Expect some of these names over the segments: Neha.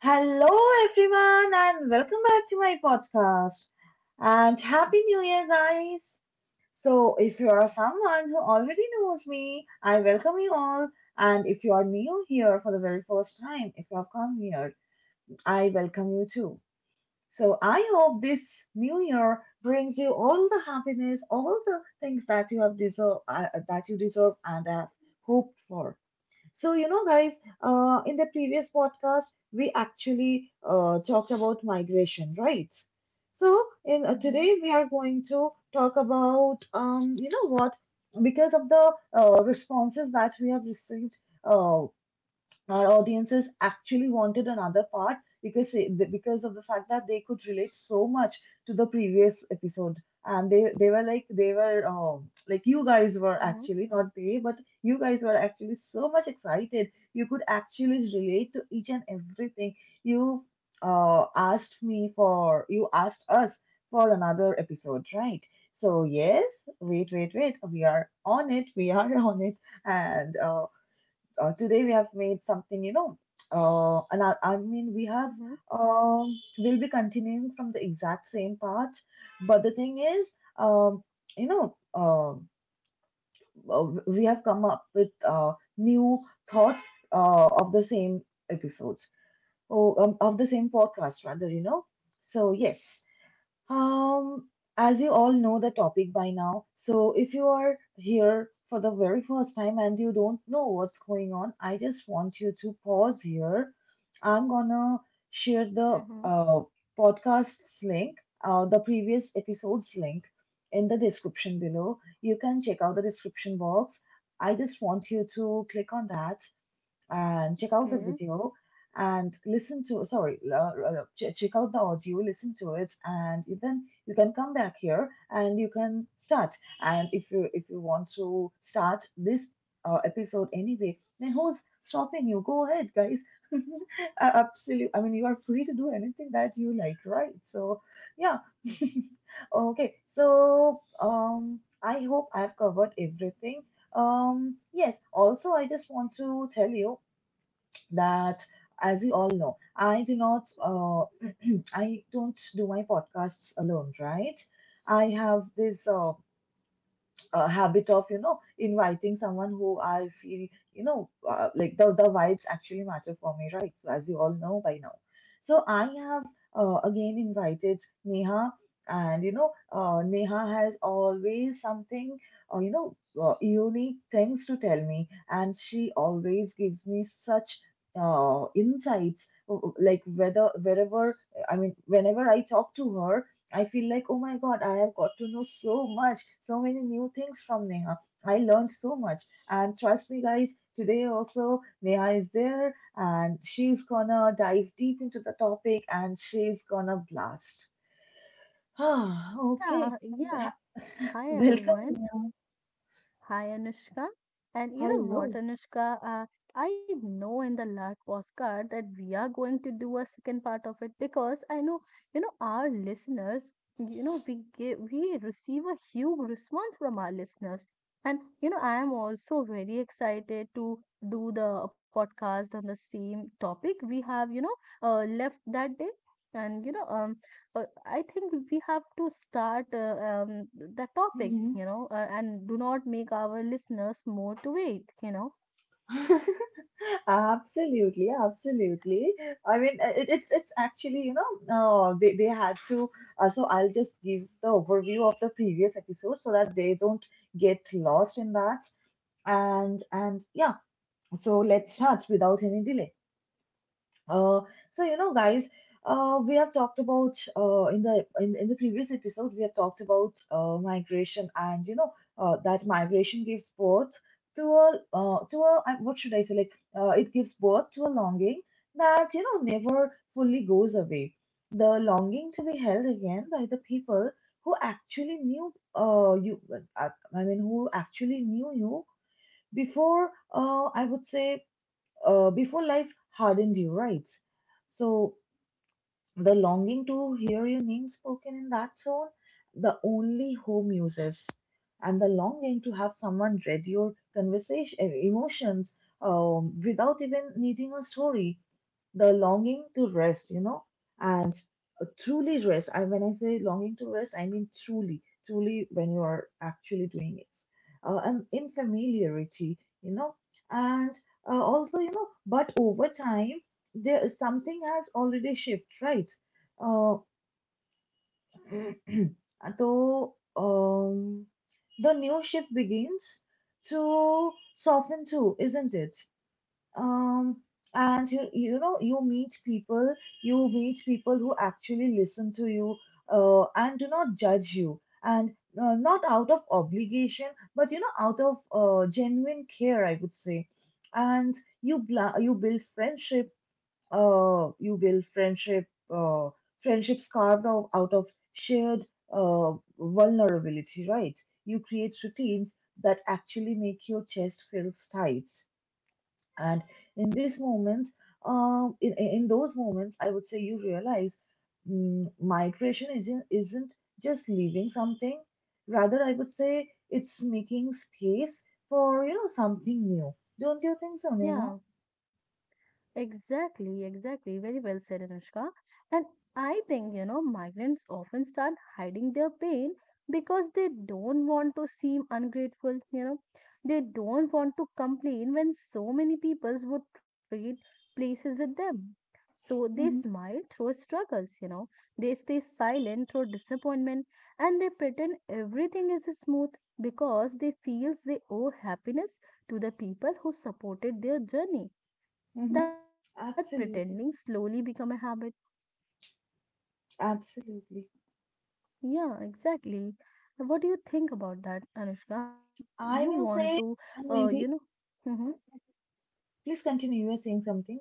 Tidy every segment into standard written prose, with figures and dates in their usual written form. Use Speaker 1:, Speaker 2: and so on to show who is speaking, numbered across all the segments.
Speaker 1: Hello, everyone, and welcome back to my podcast. And Happy New Year, guys! So, if you are someone who already knows me, I welcome you all. And if you are new here for the very first time, if you have come here, I welcome you too. So, I hope this new year brings you all the happiness, all the things that that you deserve and have hoped for. So, you know, guys, in the previous podcast, we actually talked about migration, right? So, in
Speaker 2: Mm-hmm,
Speaker 1: today we are going to talk about, you know what, because of the responses that we have received. Uh, our audiences actually wanted another part because because of the fact that they could relate so much to the previous episode, and they were like, they were, like, you guys were
Speaker 2: mm-hmm,
Speaker 1: actually not they, but you guys were actually so much excited, you could actually relate to each and everything. you you asked us for another episode, right? So yes, wait, wait, wait, we are on it, we are on it. And today we have made something, you know, and we have,
Speaker 2: mm-hmm,
Speaker 1: we'll be continuing from the exact same part. But the thing is, um, you know, um, we have come up with new thoughts of the same episode, or of the same podcast, rather, you know. So, yes. Um, as you all know the topic by now, so if you are here for the very first time and you don't know what's going on, I just want you to pause here. I'm gonna share the
Speaker 2: mm-hmm.
Speaker 1: podcast's link, the previous episode's link in the description below. You can check out the description box. I just want you to click on that and check out the
Speaker 2: Okay.
Speaker 1: video and listen to, sorry, check out the audio, listen to it, and then you can come back here and you can start. And if you want to start this episode anyway, then who's stopping you? Go ahead, guys. Absolutely, I mean, you are free to do anything that you like, right? So yeah. Okay, so I hope I've covered everything. Yes, also I just want to tell you that, as we all know, I do not, I don't do my podcasts alone, right? I have this habit of, you know, inviting someone who I feel, you know, like, the vibes actually matter for me, right? So as you all know by now, so I have again invited Neha, and you know, Neha has always something, uh, you know unique things to tell me, and she always gives me such insights, like whether wherever, I mean, whenever I talk to her, I feel like, oh my God, I have got to know so much, so many new things from Neha. I learned so much. And trust me, guys, today also Neha is there, and she's gonna dive deep into the topic, and she's gonna blast. Ah,
Speaker 2: Yeah,
Speaker 1: okay.
Speaker 2: yeah. Hi
Speaker 1: Welcome,
Speaker 2: everyone,
Speaker 1: Neha.
Speaker 2: and hi Anushka. And you know what,
Speaker 1: Hello.
Speaker 2: Anushka? Uh, I know in the last Oscar that we are going to do a second part of it because I know, you know, our listeners, we receive a huge response from our listeners. And you know, I am also very excited to do the podcast on the same topic we have, you know, left that day. And you know, I think we have to start the topic, you know, and do not make our listeners more to wait, you know.
Speaker 1: Absolutely, absolutely. I mean, it's actually, you know, they had to. So I'll just give the overview of the previous episode so that they don't get lost in that. And yeah, so let's start without any delay. Uh, so you know, guys, we have talked about in the previous episode we have talked about migration, and you know, that migration gives birth to a, what should I say, like, it gives birth to a longing that, you know, never fully goes away. The longing to be held again by the people who actually knew you. I, who actually knew you before. I would say before life hardens you, right? So the longing to hear your name spoken in that tone, the only home uses, and the longing to have someone read your emotions, without even needing a story, the longing to rest, you know, truly rest. I When I say longing to rest, I mean truly, truly, when you are actually doing it, and in familiarity, you know. And also, you know, but over time there something has already shifted, right? Uh, so the new shift begins to soften too, isn't it? um and you know you meet people, you meet people who actually listen to you, and do not judge you, and not out of obligation, but, you know, out of genuine care, I would say. And you bla- you build friendship you build friendship, uh friendships carved out, out of shared uh vulnerability, right? You create routines that actually make your chest feels tight. And in these moments, in those moments, I would say you realize, migration isn't just leaving something. Rather, I would say it's making space for, you know, something new. Don't you think so, Neha?
Speaker 2: Yeah. Exactly, exactly. Very well said, Anushka. And I think, you know, migrants often start hiding their pain because they don't want to seem ungrateful, you know. They don't want to complain when so many peoples would trade places with them. So they
Speaker 1: Mm-hmm.
Speaker 2: smile through struggles, you know. They stay silent through disappointment, and they pretend everything is smooth because they feels they owe happiness to the people who supported their journey, and
Speaker 1: Mm-hmm.
Speaker 2: that pretending slowly
Speaker 1: Absolutely.
Speaker 2: become a habit.
Speaker 1: Absolutely.
Speaker 2: Yeah, exactly. What do you think about that, Anushka? What
Speaker 1: I
Speaker 2: you
Speaker 1: will
Speaker 2: want to
Speaker 1: say, and
Speaker 2: uh, you
Speaker 1: maybe,
Speaker 2: know hmm
Speaker 1: please continue. You are saying something.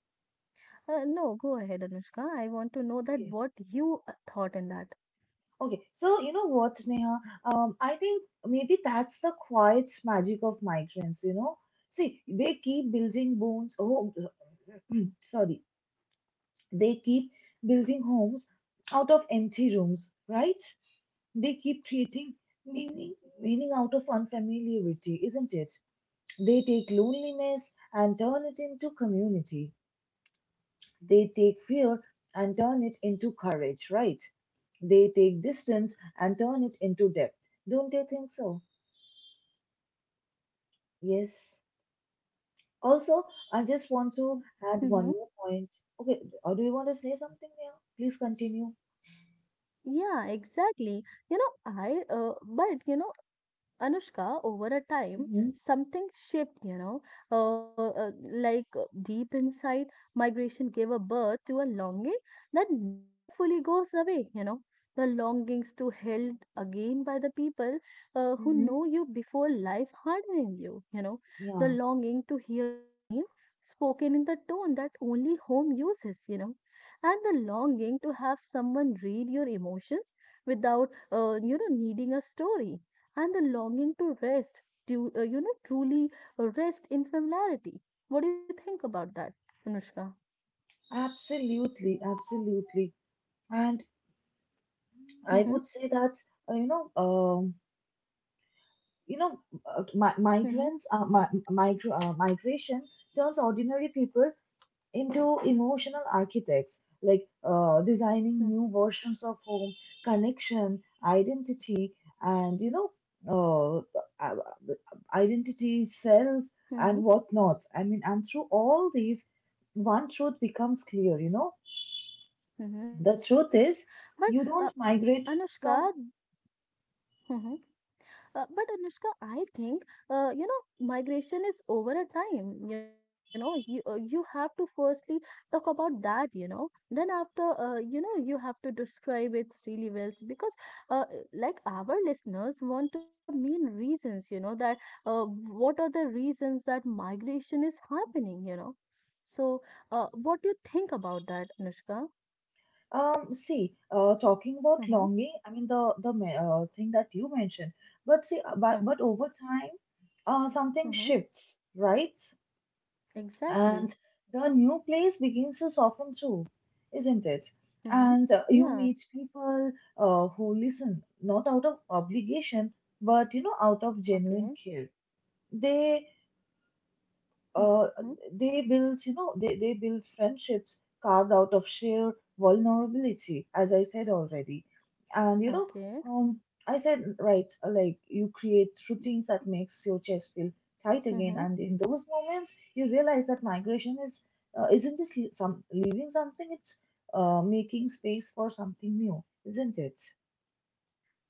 Speaker 2: no, go ahead, Anushka, I want to know that what you
Speaker 1: Okay.
Speaker 2: thought in that.
Speaker 1: Okay, so you know what, Neha? I think maybe that's the quiet magic of migrants, you know? See, they keep building bones, oh, sorry, they keep building homes out of empty rooms, right? They keep creating meaning, meaning out of unfamiliarity, isn't it? They take loneliness and turn it into community. They take fear and turn it into courage, right? They take distance and turn it into depth. Don't you think so? Yes. Also, I just want to add
Speaker 2: Mm-hmm.
Speaker 1: one more point. Okay, or do you want to say something there? Please continue.
Speaker 2: Yeah, exactly. You know, I but you know, Anushka, over a time,
Speaker 1: Mm-hmm.
Speaker 2: something shaped, you know, deep inside, migration gave a birth to a longing that never fully goes away, you know. The longings to held again by the people who
Speaker 1: Mm-hmm.
Speaker 2: know you before life hardening you, you know. The
Speaker 1: Yeah,
Speaker 2: longing to hear your name spoken in the tone that only home uses, you know. And the longing to have someone read your emotions without, you know, needing a story, and the longing to rest, to, you know, truly rest in familiarity. What do you think about that, Anushka?
Speaker 1: absolutely, absolutely. And I
Speaker 2: Mm-hmm,
Speaker 1: would say that, uh, you know, um, you know, mi-
Speaker 2: mm-hmm,
Speaker 1: migrants, mi- migra- migration turns ordinary people into emotional architects, like, designing new versions of home, connection, identity, and, you know, uh, uh, identity, self, and
Speaker 2: mm-hmm,
Speaker 1: whatnot. I mean, and through all these, one truth becomes clear. You know,
Speaker 2: mm-hmm.
Speaker 1: the truth is,
Speaker 2: But
Speaker 1: you don't migrate from.
Speaker 2: Anushka, mhm. But Anushka, I think you know migration is over a time. You know, you have to firstly talk about that. You know, then after, you know, you have to describe it really well because, uh, like our listeners want to know the main reasons. You know that what are the reasons that migration is happening. You know, so what do you think about that, Anushka?
Speaker 1: See, talking about
Speaker 2: Mm-hmm,
Speaker 1: longing, I mean, thing that you mentioned, but see, but
Speaker 2: mm-hmm,
Speaker 1: but over time, something
Speaker 2: mm-hmm.
Speaker 1: shifts, right?
Speaker 2: Exactly.
Speaker 1: And the new place begins to soften too, isn't it?
Speaker 2: Mm-hmm.
Speaker 1: And you
Speaker 2: Yeah.
Speaker 1: meet people who listen, not out of obligation, but, you know, out of genuine
Speaker 2: Okay.
Speaker 1: care. They, uh,
Speaker 2: Mm-hmm.
Speaker 1: they build friendships carved out of sheer vulnerability, as I said already. And, you know,
Speaker 2: Okay.
Speaker 1: um, I said, right, like, you create routines that makes your chest feel tight again.
Speaker 2: Mm-hmm.
Speaker 1: And in those moments, you realize that isn't just some leaving something, it's making space for something new, isn't it?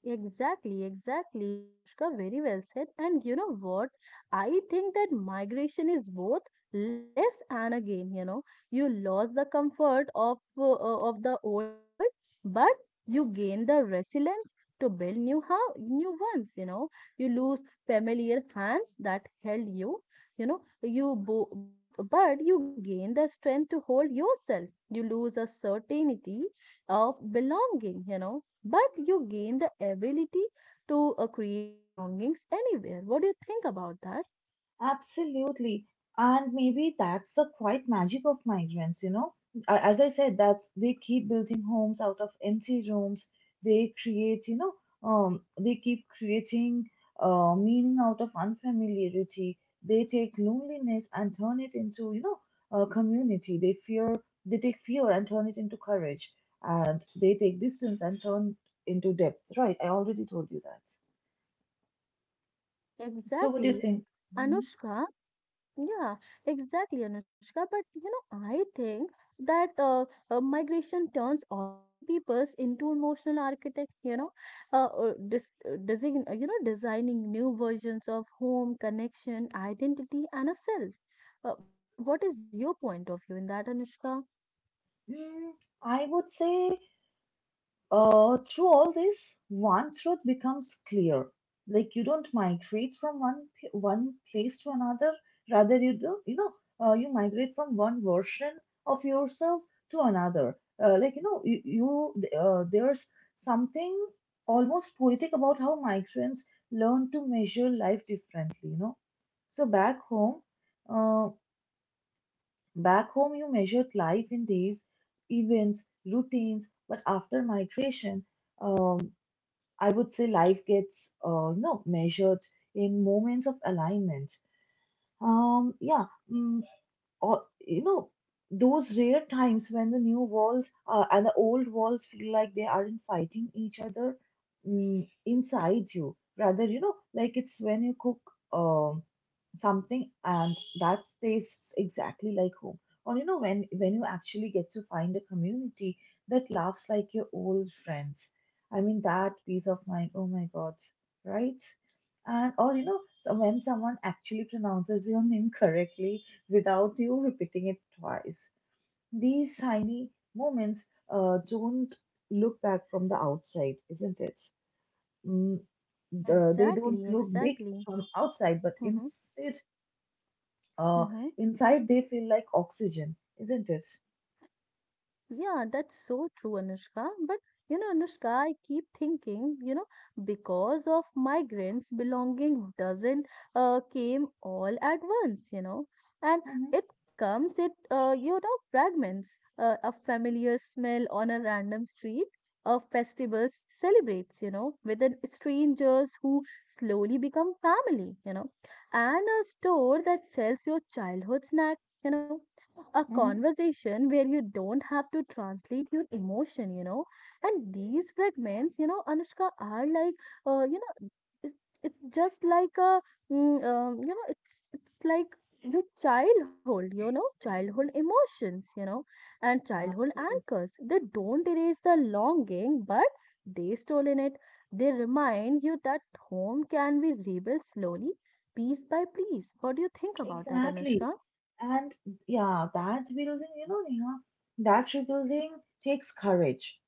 Speaker 2: Exactly, exactly, Anushka. Very well said. And you know what? I think that migration is both less and again. You know, you lost the comfort of the old world, but you gain the resilience to build new house, new ones. You know, you lose familiar hands that held you. You know, both, but you gain the strength to hold yourself. You lose a certainty of belonging. You know, but you gain the ability to create belongings anywhere. What do you think about that?
Speaker 1: Absolutely. And maybe that's the quiet magic of migrants, you know. As I said, that they keep building homes out of empty rooms. They create, you know, they keep creating meaning out of unfamiliarity. They take loneliness and turn it into, you know, a community. They take fear and turn it into courage. And they take distance and turn into depth. Right. I already told you that. So what do you
Speaker 2: Exactly.
Speaker 1: think? Mhm.
Speaker 2: Anushka, yeah, exactly, Anushka. But you know, I think that migration turns ordinary peoples into emotional architects. You know, you know, designing new versions of home, connection, identity, and a self. What is your point of view in that, Anushka?
Speaker 1: Mm, I would say, through all this, one truth becomes clear. Like, you don't migrate from one place to another. Rather, you know, you migrate from one version of yourself to another. Like, you know, you there's something almost poetic about how migrants learn to measure life differently. You know, so uh, back home, you measured life in days, events, routines, but after migration, um, I would say life gets, you know, measured in moments of alignment. Um, yeah, mm, or you know, those rare times when the new walls and the old walls feel like they aren't fighting each other inside you. Rather, you know, like, it's when you cook um something, and that tastes exactly like home. Or you know, when you actually get to find a community that laughs like your old friends, I mean, that peace of mind, oh my God, right? And, or you know, so when someone actually pronounces your name correctly without you repeating it twice. These tiny moments don't look back from the outside, isn't it? Mm, they don't
Speaker 2: Exactly,
Speaker 1: look big
Speaker 2: exactly.
Speaker 1: from outside, but
Speaker 2: Mm-hmm,
Speaker 1: instead, uh,
Speaker 2: mm-hmm.
Speaker 1: inside they feel like oxygen, isn't it?
Speaker 2: Yeah, that's so true, Anushka. But you know, Anushka, I keep thinking, you know, because of migrants, belonging doesn't came all at once, you know, and
Speaker 1: Mm hmm.
Speaker 2: it comes it you know fragments, a familiar smell on a random street, a festival celebrates, you know, with an strangers who slowly become family, you know, and a store that sells your childhood snack, you know, a
Speaker 1: Mm
Speaker 2: conversation where you don't have to translate your emotion, you know. And these fragments, you know, Anushka, are like, you know, it's, it's just like a, you know, it's like your childhood, you know, childhood emotions, you know, and
Speaker 1: hmm.
Speaker 2: childhood anchors.
Speaker 1: Absolutely.
Speaker 2: They don't erase the longing, but they stolen it. They remind you that home can be rebuilt slowly, piece by piece. What do you think about that,
Speaker 1: Exactly.
Speaker 2: Anushka?
Speaker 1: And yeah, that building, you know, Neha, that rebuilding takes courage.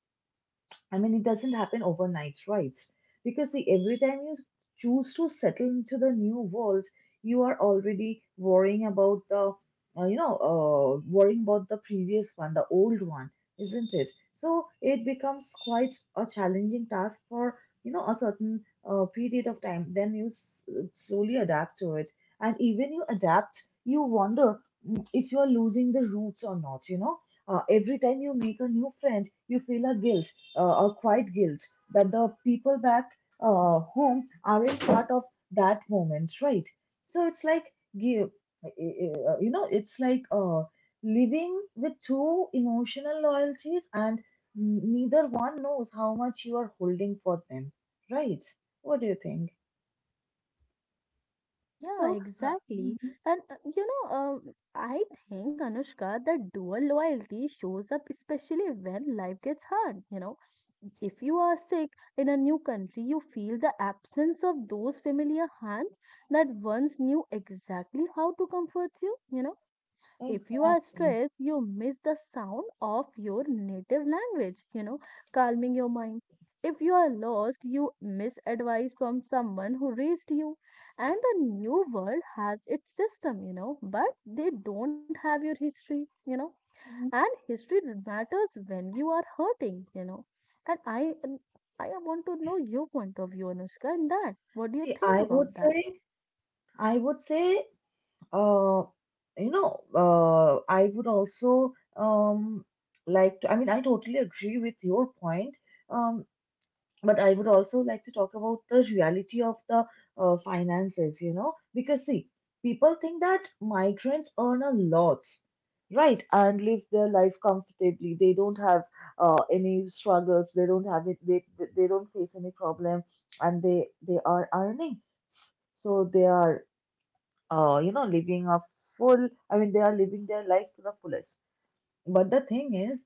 Speaker 1: I mean, it doesn't happen overnight, right? Because see, every time you choose to settle into the new world, you are already worrying about the previous one, the old one, isn't it? So it becomes quite a challenging task for a certain period of time. Then you slowly adapt to it. And even you adapt, you wonder if you are losing the roots or not, you know? Every time you make a new friend, you feel a guilt or quiet guilt that the people back home aren't part of that moment, right? So it's like give, you know, it's like living with two emotional loyalties, and neither one knows how much you are holding for them, right? What do you think?
Speaker 2: Yeah,
Speaker 1: So,
Speaker 2: exactly.
Speaker 1: mhm,
Speaker 2: And you know, I think Anushka, that dual loyalty shows up especially when life gets hard. You know, if you are sick in a new country, you feel the absence of those familiar hands that once knew exactly how to comfort you. You know, if you are
Speaker 1: exactly.
Speaker 2: stressed, you miss the sound of your native language, you know, calming your mind. If you are lost, you miss advice from someone who raised you, and the new world has its system, you know, but they don't have your history, you know, and
Speaker 1: Mhm.
Speaker 2: history matters when you are hurting, you know, and I want to know your point of view, Anushka, in that. What do you
Speaker 1: See,
Speaker 2: think
Speaker 1: I
Speaker 2: about
Speaker 1: would
Speaker 2: that?
Speaker 1: say, I would say Uh, I would also like to, I mean, I totally agree with your point, um, but I would also like to talk about the reality of the finances, you know, because see, people think that migrants earn a lot, right, and live their life comfortably. They don't have any struggles, they don't have it, they don't face any problem, and they are earning. So they are living I mean, they are living their life to the fullest. But the thing is,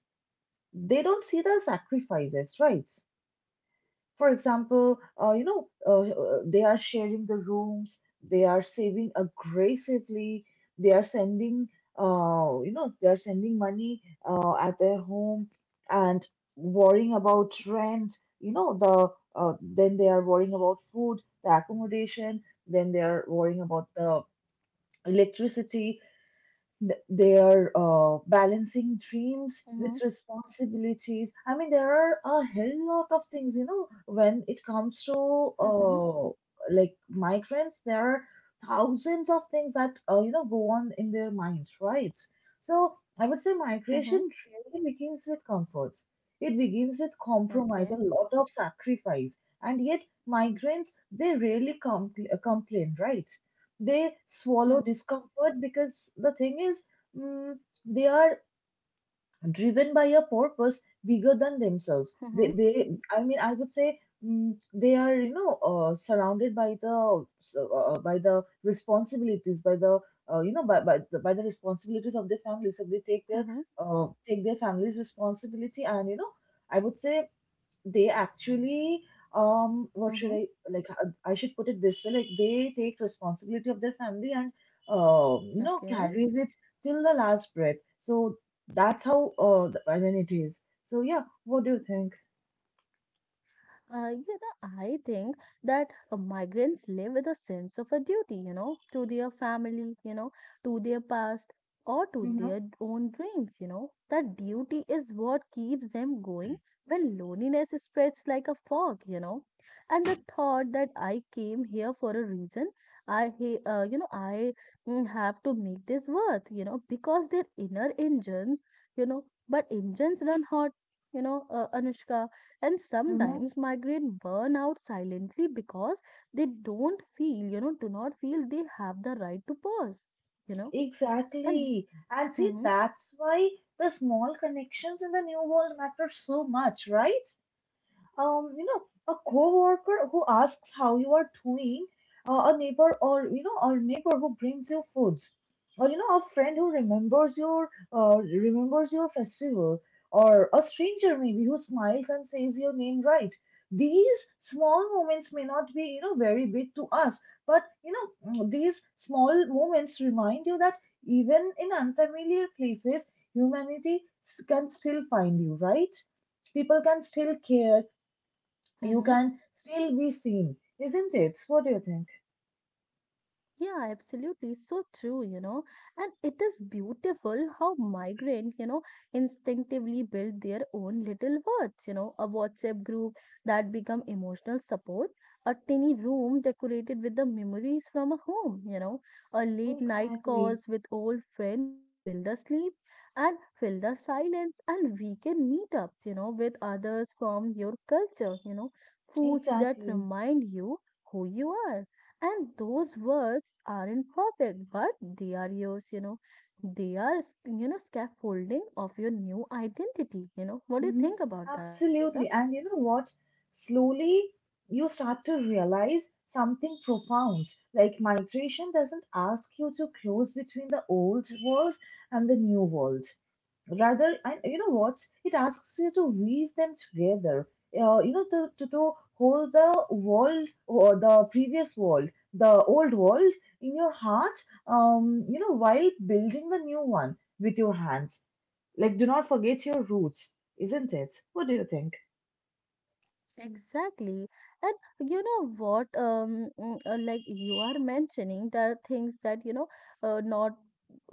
Speaker 1: they don't see the sacrifices, right? For example, they are sharing the rooms, they are saving aggressively, they are sending, they are sending money at their home, and worrying about rent, you know, the then they are worrying about food, the accommodation, then they are worrying about the electricity. They are balancing dreams with
Speaker 2: Mm-hmm.
Speaker 1: responsibilities. I mean, there are a hell lot of things, you know, when it comes to
Speaker 2: Mm-hmm.
Speaker 1: like, migrants, there are thousands of things that go on in their minds, right? So I would say
Speaker 2: Mm-hmm.
Speaker 1: migration really begins with comfort. It begins with compromise, a
Speaker 2: Okay.
Speaker 1: lot of sacrifice. And yet, migrants, they rarely complain, right? They swallow
Speaker 2: Mm-hmm.
Speaker 1: discomfort because the thing is, mm, they are driven by a purpose bigger than themselves. They I mean, I would say, they are, surrounded by the responsibilities, by the you know by the responsibilities of their families. So they take their
Speaker 2: Mm-hmm.
Speaker 1: uh, take their family's responsibility, and, you know, I would say they actually, what should
Speaker 2: Mm-hmm.
Speaker 1: I like I should put it this way, like, they take responsibility of their family and
Speaker 2: Okay.
Speaker 1: carries it till the last breath. So that's how, I mean, it is. So, yeah, what do you think?
Speaker 2: You know, I think that migrants live with a sense of a duty, you know, to their family, you know, to their past, or to
Speaker 1: Mm-hmm.
Speaker 2: their own dreams, you know. That duty is what keeps them going when loneliness spreads like a fog, you know. And the thought that I came here for a reason, you know, I have to make this worth, you know, because their inner engines, you know, but engines run hot, you know, Anushka, and
Speaker 1: Mm-hmm.
Speaker 2: sometimes migrant burn out silently because they don't feel you know do not feel they have the right to pause, you know, and grow.
Speaker 1: Exactly. And see,
Speaker 2: Mm-hmm.
Speaker 1: that's why the small connections in the new world matter so much, right? um, you know, a coworker who asks how you are doing, a neighbor who brings you foods, or, you know, a friend who remembers your festival, or a stranger maybe who smiles and says your name, right. These small moments may not be, very big to us, but these small moments remind you that even in unfamiliar places, humanity can still find you, right? People can still care, you
Speaker 2: mm-hmm.
Speaker 1: can still be seen, isn't it? What do you think?
Speaker 2: Yeah, absolutely. So true, you know. And it is beautiful how migrant, you know, instinctively build their own little words, you know, a WhatsApp group that become emotional support, a tiny room decorated with the memories from a home, you know, a late night
Speaker 1: Exactly,
Speaker 2: calls with old friends to fill the sleep and fill the silence, and weekend meetups, you know, with others from your culture, you know, foods that
Speaker 1: exactly.
Speaker 2: remind you who you are, and those words aren't perfect, but they are yours, you know. They are, you know, scaffolding of your new identity. You know, what do you
Speaker 1: Hmm.
Speaker 2: think about that, Anushka?
Speaker 1: Absolutely. And you know what? Slowly, you start to realize something profound. Like, migration doesn't ask you to close between the old world and the new world. Rather, and you know what, it asks you to weave them together, to hold the world, or the previous world, the old world, in your heart, while building the new one with your hands, like, do not forget your roots, isn't it, what do you think?
Speaker 2: Exactly. And you know what, like you are mentioning, there are things that, you know, not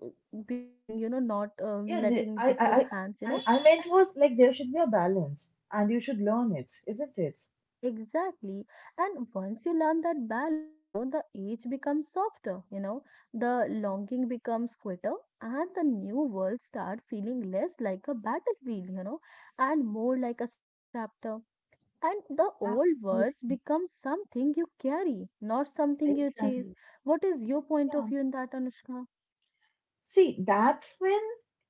Speaker 2: uh, becoming, you know, not
Speaker 1: Yeah, the,
Speaker 2: letting with your hands, you know.
Speaker 1: I meant was, like, there should be a balance and you should learn it, isn't it?
Speaker 2: Exactly. And once you learn that balance, you know, the age becomes softer, you know, the longing becomes quitter, and the new world start feeling less like a battlefield, you know, and more like a second chapter. And the old words
Speaker 1: Absolutely.
Speaker 2: become something you carry, not something you chase.
Speaker 1: Exactly.
Speaker 2: What is your point of
Speaker 1: Yeah.
Speaker 2: view in that, Anushka?
Speaker 1: See, that's when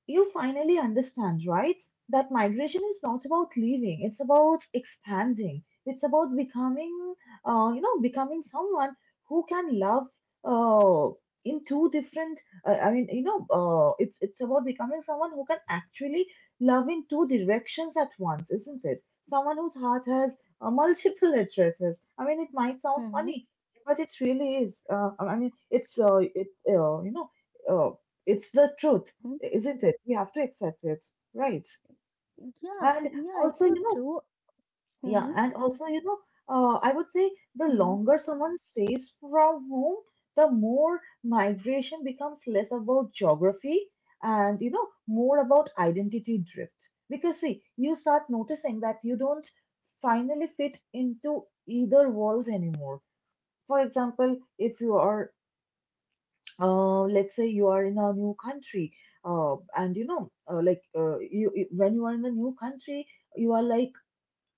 Speaker 1: you finally understand, right? That migration is not about leaving, it's about expanding. It's about becoming, becoming someone who can love uh, in two different, I mean, it's about becoming someone who can actually love in two directions at once, isn't it? Someone whose heart has multiple addresses. I mean, it might sound
Speaker 2: Mm-hmm,
Speaker 1: funny, but it really is. I mean, uh, it's the truth,
Speaker 2: mm-hmm.
Speaker 1: isn't it? We have to accept it, right?
Speaker 2: Yeah,
Speaker 1: And
Speaker 2: yeah, it's
Speaker 1: also,
Speaker 2: so
Speaker 1: you know,
Speaker 2: true.
Speaker 1: yeah,
Speaker 2: Mm-hmm,
Speaker 1: and also, you know, I would say the
Speaker 2: mm-hmm.
Speaker 1: longer someone stays from home, the more migration becomes less about geography and, more about identity drift. Because, see, you start noticing that you don't finally fit into either world anymore. For example, if you are let's say you are in a new country, and you know like when you are in a new country, you are like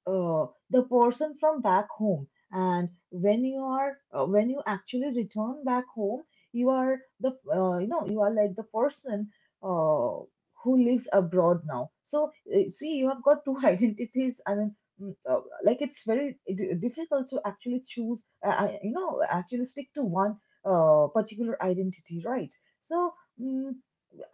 Speaker 1: the person from back home, and when you actually return back home, you are like the person uh, who lives abroad now. So, see, you have got two identities. I mean, like, it's very difficult to actually choose, actually stick to one particular identity, right? So, mm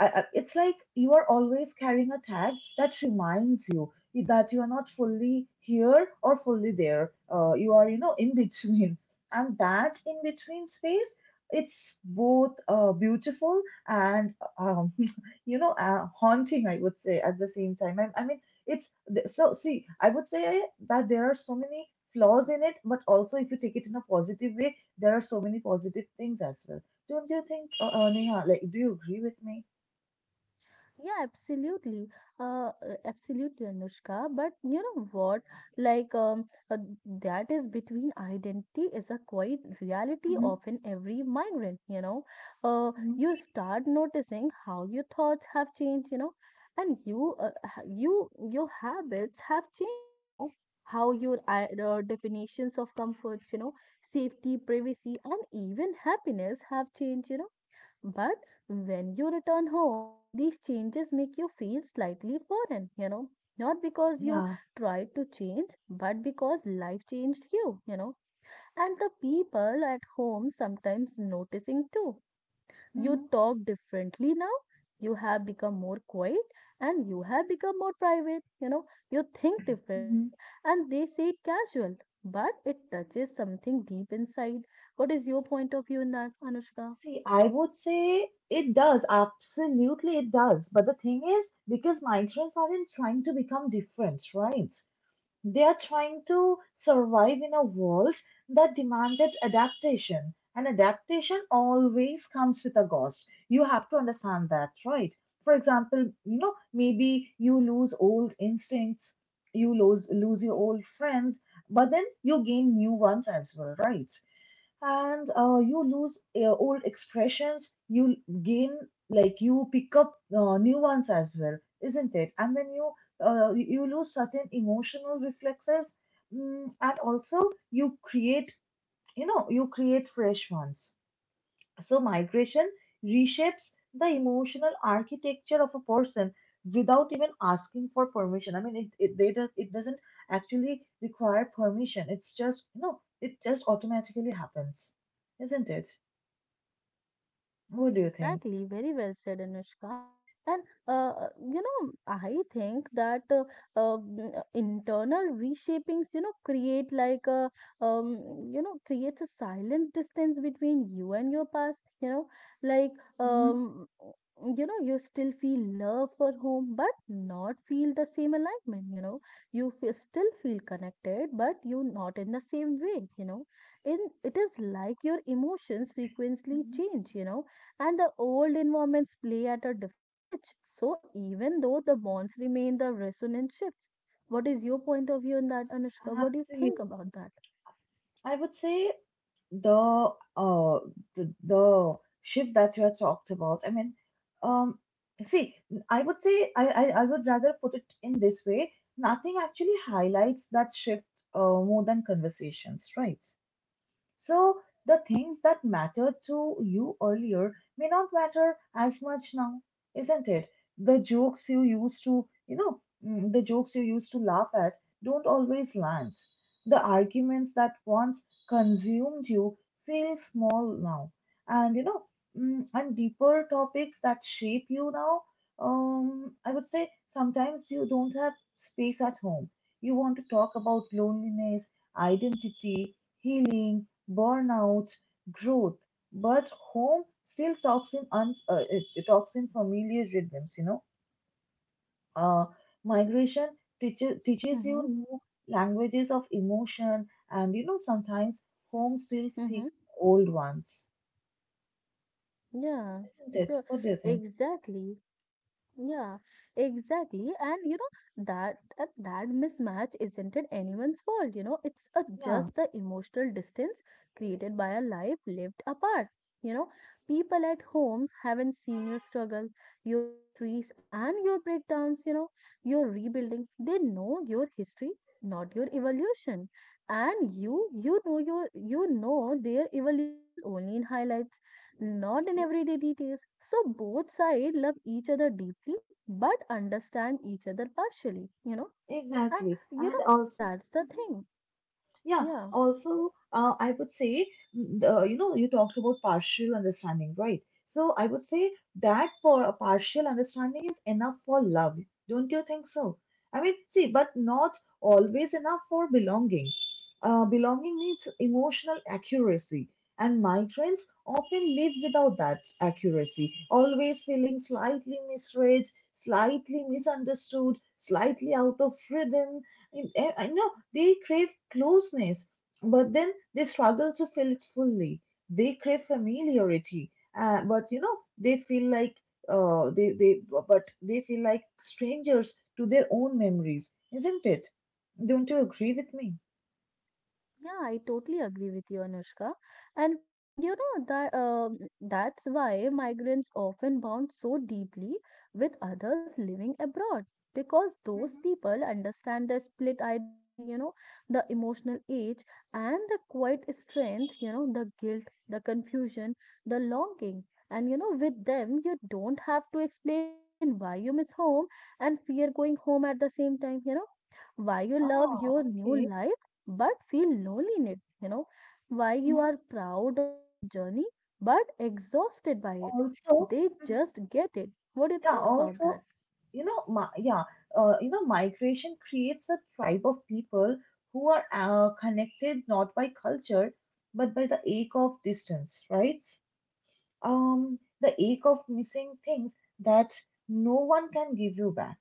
Speaker 1: it's like you are always carrying a tag that reminds you that you are not fully here or fully there. You are, in between. And that in between space, it's both beautiful and, haunting, I would say, at the same time. I mean, it's, so, see, I would say that there are so many flaws in it, but also if you take it in a positive way, there are so many positive things as well. Don't you think, Neha, like, do you agree with me?
Speaker 2: Yeah, absolutely. Uh, Absolutely, Anushka. But you know what? Like, that is between identity is a quite reality
Speaker 1: Mhm,
Speaker 2: of an every migrant, you know.
Speaker 1: mhm.
Speaker 2: You start noticing how your thoughts have changed, you know, and you, your habits have changed, you know, how your definitions of comforts, you know, safety, privacy, and even happiness have changed, you know, but when you return home, these changes make you feel slightly foreign, you know, not because you
Speaker 1: Yeah.
Speaker 2: tried to change, but because life changed you, you know, and the people at home sometimes noticing too. You
Speaker 1: Mhm,
Speaker 2: talk differently now, you have become more quiet, and you have become more private, you know, you think differently,
Speaker 1: mhm.
Speaker 2: and they say casual, but it touches something deep inside. What is your point of view in that, Anushka?
Speaker 1: See, I would say it does. Absolutely, it does. But the thing is, because Nigerians aren't trying to become different, right? They are trying to survive in a world that demanded adaptation. And adaptation always comes with a cost. You have to understand that, right? For example, you know, maybe you lose old instincts, you lose your old friends, but then you gain new ones as well, right? And you lose old expressions, you gain, like, you pick up new ones as well, isn't it? And then you lose certain emotional reflexes, and also you create you create fresh ones. So, migration reshapes the emotional architecture of a person without even asking for permission. I mean, it doesn't actually require permission. It's just, you know, it just automatically happens, isn't it? What do you think?
Speaker 2: Exactly, very well said, Anushka. And uh, you know, I think that internal reshapings, you know, create like a um, you know, creates a silence distance between you and your past. You know, like
Speaker 1: Hmm.
Speaker 2: um, you know, you still feel love for home, but not feel the same alignment. You know, still feel connected, but you not in the same way. You know, in it is like your emotions frequently
Speaker 1: Hmm.
Speaker 2: change. You know, and the old environments play at a different pitch. So even though the bonds remain, the resonance shifts. What is your point of view on that, Anushka? What do you think
Speaker 1: Absolutely.
Speaker 2: about that?
Speaker 1: I would say the uh the shift that you had talked about, I mean, um see, I would say, I would rather put it in this way. Nothing actually highlights that shift more than conversations, right? So the things that mattered to you earlier may not matter as much now, isn't it? The jokes you used to, laugh at don't always land. The arguments that once consumed you feel small now. And you know, and deeper topics that shape you now, I would say sometimes you don't have space at home. You want to talk about loneliness, identity, healing, burnout, growth. But home still talks in un, it, it talks in familiar rhythms, you know. Uh, Migration teaches you
Speaker 2: Mm-hmm.
Speaker 1: new languages of emotion, and you know sometimes home still
Speaker 2: Mm-hmm.
Speaker 1: speaks old ones,
Speaker 2: Yeah,
Speaker 1: isn't it?
Speaker 2: sure.
Speaker 1: What do you think?
Speaker 2: Exactly. Yeah, exactly. And you know that, mismatch isn't it anyone's fault, you know, it's a,
Speaker 1: Yeah,
Speaker 2: just the emotional distance created by a life lived apart. You know, people at homes haven't seen your struggle, your victories and your breakdowns, you know, your rebuilding. They know your history, not your evolution. And you know your you know their evolutions only in highlights, not in
Speaker 1: e-
Speaker 2: everyday details. So both sides love each other deeply but understand each other partially, you know. And
Speaker 1: exactly.
Speaker 2: you know,
Speaker 1: And also.
Speaker 2: that's the thing.
Speaker 1: Yeah,
Speaker 2: Yeah.
Speaker 1: also, I would say, you talked about partial understanding, right? So I would say that for a partial understanding is enough for love. Don't you think so? I mean, see, but not always enough for belonging. Belonging needs emotional accuracy, and migrants often live without that accuracy, always feeling slightly misread, slightly misunderstood, slightly out of rhythm. I know. They crave closeness, but then they struggle to feel it fully. They crave familiarity, but you know they feel like uh, they they strangers to their own memories, isn't it? Don't you agree with me?
Speaker 2: Yeah, I totally agree with you, Anushka. And you know that's why migrants often bond so deeply with others living abroad because those
Speaker 1: Hmm.
Speaker 2: people understand the split identity, you know, the emotional age and the quiet strength, you know, the guilt, the confusion, the longing. And you know, with them, you don't have to explain why you miss home and fear going home at the same time, you know, why you love
Speaker 1: Ah,
Speaker 2: your new
Speaker 1: okay.
Speaker 2: life but feel lonely in it, you know, why you
Speaker 1: Mhm.
Speaker 2: are proud of your journey but exhausted by it.
Speaker 1: Also,
Speaker 2: They just get it. What do you
Speaker 1: yeah,
Speaker 2: think about that?
Speaker 1: also, you know, you know, migration creates a tribe of people who are connected not by culture, but by the ache of distance, right? The ache of missing things that no one can give you back,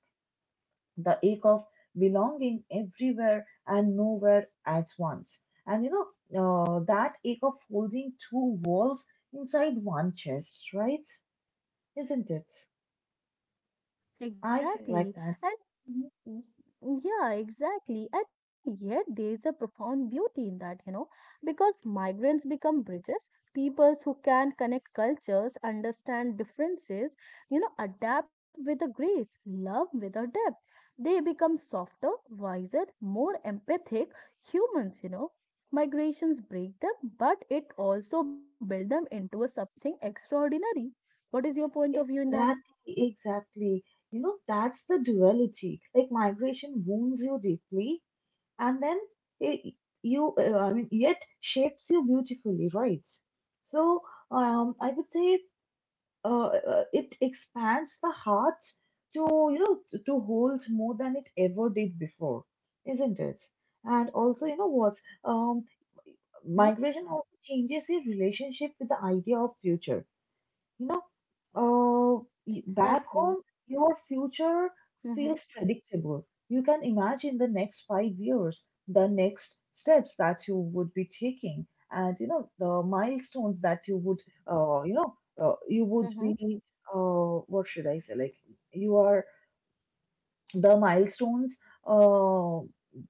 Speaker 1: the ache of belonging everywhere and nowhere at once. And that ache of holding two walls inside one chest, right? Isn't it? I feel like
Speaker 2: Exactly.
Speaker 1: that. Mm-hmm.
Speaker 2: Y- Yeah, exactly. And yet there is a profound beauty in that, you know, because migrants become bridges, peoples who can connect cultures, understand differences, you know, adapt with a grace, love with a depth. They become softer, wiser, more empathic humans, you know. Migrations break them, but it also build them into a something extraordinary. What is your point of view in that?
Speaker 1: Exactly, exactly. That's the duality. Like migration wounds you deeply, and then it you I mean, yet shapes you beautifully, right? So, I would say, it expands the heart to hold more than it ever did before, isn't it? And also, you know what? Um,
Speaker 2: Mm-hmm.
Speaker 1: Migration also changes your relationship with the idea of future. you know, Back home,
Speaker 2: Exactly.
Speaker 1: your future
Speaker 2: Mm-hmm.
Speaker 1: feels predictable. You can imagine the next 5 years, the next steps that you would be taking, and the milestones that you would, you know, you would
Speaker 2: Mm-hmm.
Speaker 1: be, what should I say? Like you are the milestones, uh,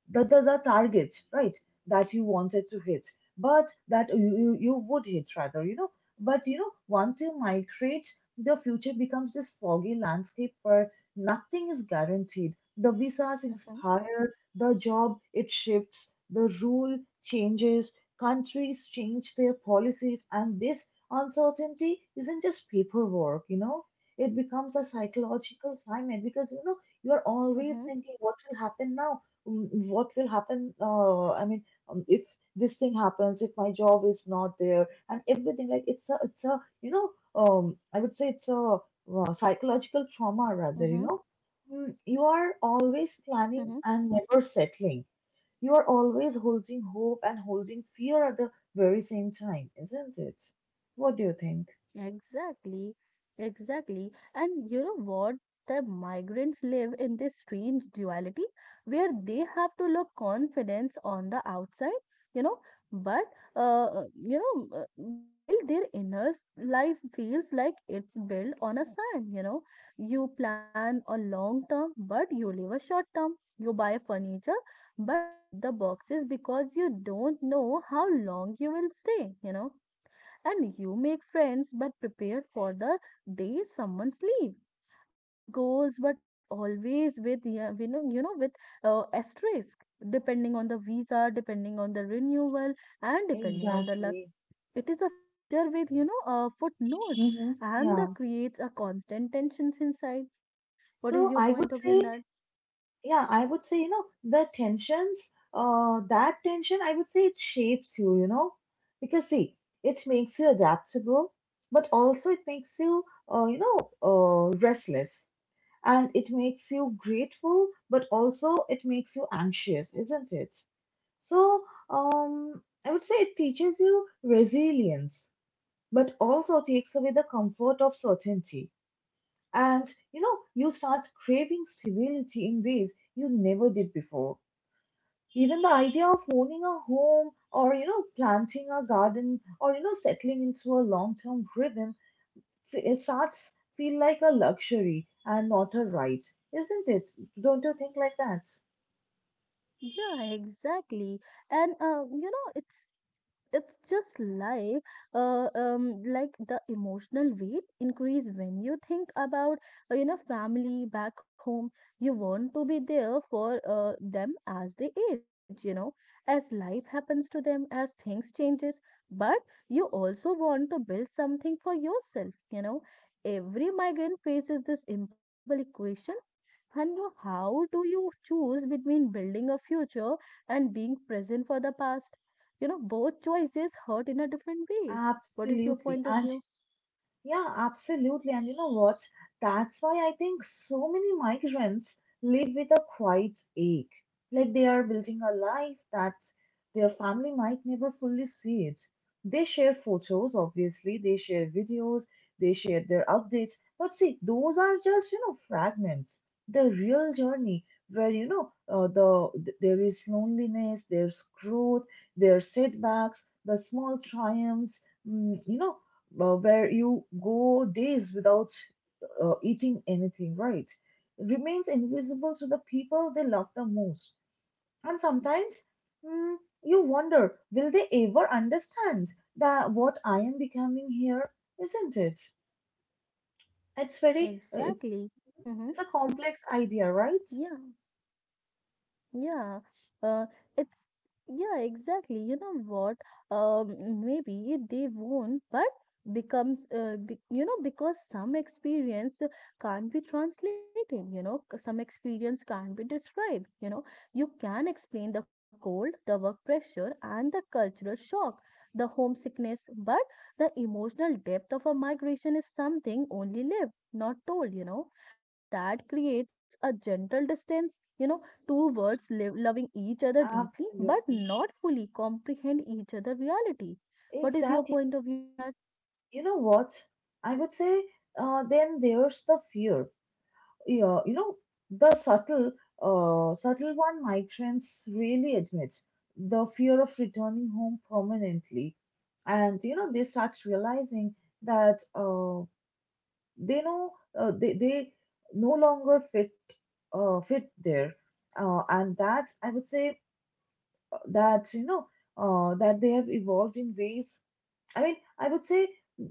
Speaker 1: the targets, right, that you wanted to hit, but that you would hit rather. But once you migrate, the future becomes this foggy landscape where nothing is guaranteed. The visas
Speaker 2: Mm-hmm.
Speaker 1: expire, the job it shifts, the rule changes, countries change their policies, and this uncertainty isn't just paperwork. It becomes a psychological climate, because you are always
Speaker 2: Mm-hmm,
Speaker 1: thinking, what will happen now? Mm, what will happen, I mean, if this thing happens, if my job is not there and everything, like it's a you know I would say it's a psychological trauma rather
Speaker 2: mm-hmm,
Speaker 1: you know You are always
Speaker 2: mm-hmm.
Speaker 1: planning and never settling. You are always holding hope and holding fear at the very same time, isn't it? What do you think?
Speaker 2: Exactly, exactly. And you know what? The migrants live in this strange duality where they have to look confidence on the outside, you know, but you know, while their inner life feels like it's built on a sand, you know, you plan a long term, but you live a short term. You buy furniture, but keep the boxes because you don't know how long you will stay, you know, and you make friends but prepare for the day someone's leave. You set goals but always with, yeah, you know, you know, with asterisk depending on the visa, depending on the renewal, and depending on the luck.
Speaker 1: Exactly.
Speaker 2: It is a future with, you know, footnotes,
Speaker 1: Mm-hmm.
Speaker 2: and the
Speaker 1: Yeah,
Speaker 2: creates a constant tensions inside. What is your point
Speaker 1: so
Speaker 2: of view on that?
Speaker 1: I would say, you know the tensions that tension, I would say, it shapes you you know Because see, it makes you adaptable, but also it makes you you know restless. And it makes you grateful, but also it makes you anxious, isn't it? So, I would say it teaches you resilience, but also takes away the comfort of certainty. And, you start craving stability in ways you never did before. Even the idea of owning a home, or, planting a garden, or, settling into a long term rhythm, it starts feel like a luxury and not a right, isn't it? Don't you think like that?
Speaker 2: Yeah, exactly. And you know, it's just uh, um like the emotional weight increase when you think about, you know, family back home. You want to be there for them as they age, you know, as life happens to them, as things changes, but you also want to build something for yourself, you know. Every migrant faces this impossible equation, and how do you choose between building a future and being present for the past? You know, both choices hurt in a different ways. What is your
Speaker 1: Absolutely.
Speaker 2: point of
Speaker 1: And,
Speaker 2: view?
Speaker 1: yeah, absolutely. And you know what? That's why I think so many migrants live with a quiet ache. Like, they are building a life that their family might never fully see it. They share photos, obviously, they share videos, they share their updates. But see, those are just, fragments. The real journey, where, there is loneliness, there's growth, there's setbacks, the small triumphs, mm, you know, where you go days without eating anything, right? Remains invisible to the people they love the most. And sometimes, mm, you wonder, will they ever understand that what I am becoming here, isn't it? It's very, uh, it's,
Speaker 2: Exactly. Mm-hmm.
Speaker 1: it's a complex idea, right?
Speaker 2: Yeah, uh, it's yeah, exactly. You know what? Maybe they won't, but becomes you know, because some experience can't be translated. You know, some experience can't be described. You know, you can explain the cold, the work pressure, and the cultural shock, the homesickness, but the emotional depth of a migration is something only lived, not told. You know, and that creates a gentle distance. You know, two worlds live, loving each other deeply but
Speaker 1: Absolutely.
Speaker 2: not fully comprehend each other reality. What is your
Speaker 1: Exactly.
Speaker 2: point of view on that?
Speaker 1: You know what? I would say, then there's the fear. Yeah, the subtle one migrants really admit: the fear of returning home permanently. And, they start realizing that, they know, they no longer fit, there. And that, I would say, uh, that, you know, that they have evolved in ways, I mean. I would say,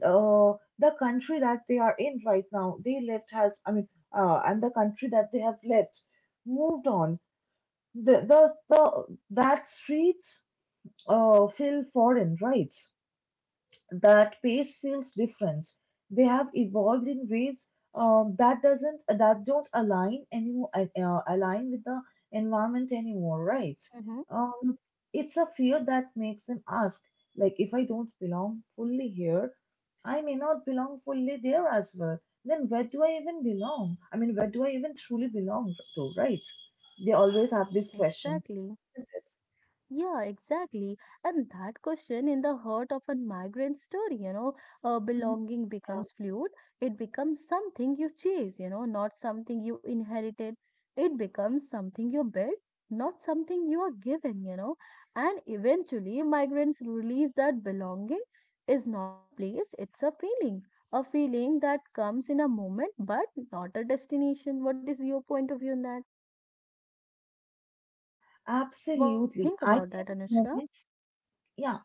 Speaker 1: the country that they are in right now, they left has, I mean, and the country that they have left moved on. That streets feel foreign, right? That pace feels different. They have evolved in ways, that doesn't, that don't align anymore, align with the environment anymore, right?
Speaker 2: Mm-hmm.
Speaker 1: Um, it's a fear that makes them ask, like, if I don't belong fully here, I may not belong fully there as well. Then where do I even belong? I mean, where do I even truly belong to, right? They always have this question.
Speaker 2: Exactly.
Speaker 1: Isn't it?
Speaker 2: Yeah, exactly. And that question in the heart of a migrant story, you know,
Speaker 1: Mhm.
Speaker 2: belonging becomes fluid. It becomes something you chase, you know, not something you inherited. It becomes something you build, not something you are given, you know. And eventually, migrants release that belonging is not a place, it's a feeling. A feeling that comes in a moment, but not a destination. What is your point of view on that? What do you
Speaker 1: Absolutely.
Speaker 2: think
Speaker 1: I
Speaker 2: about that,
Speaker 1: think
Speaker 2: Anushka?
Speaker 1: moments. Yeah.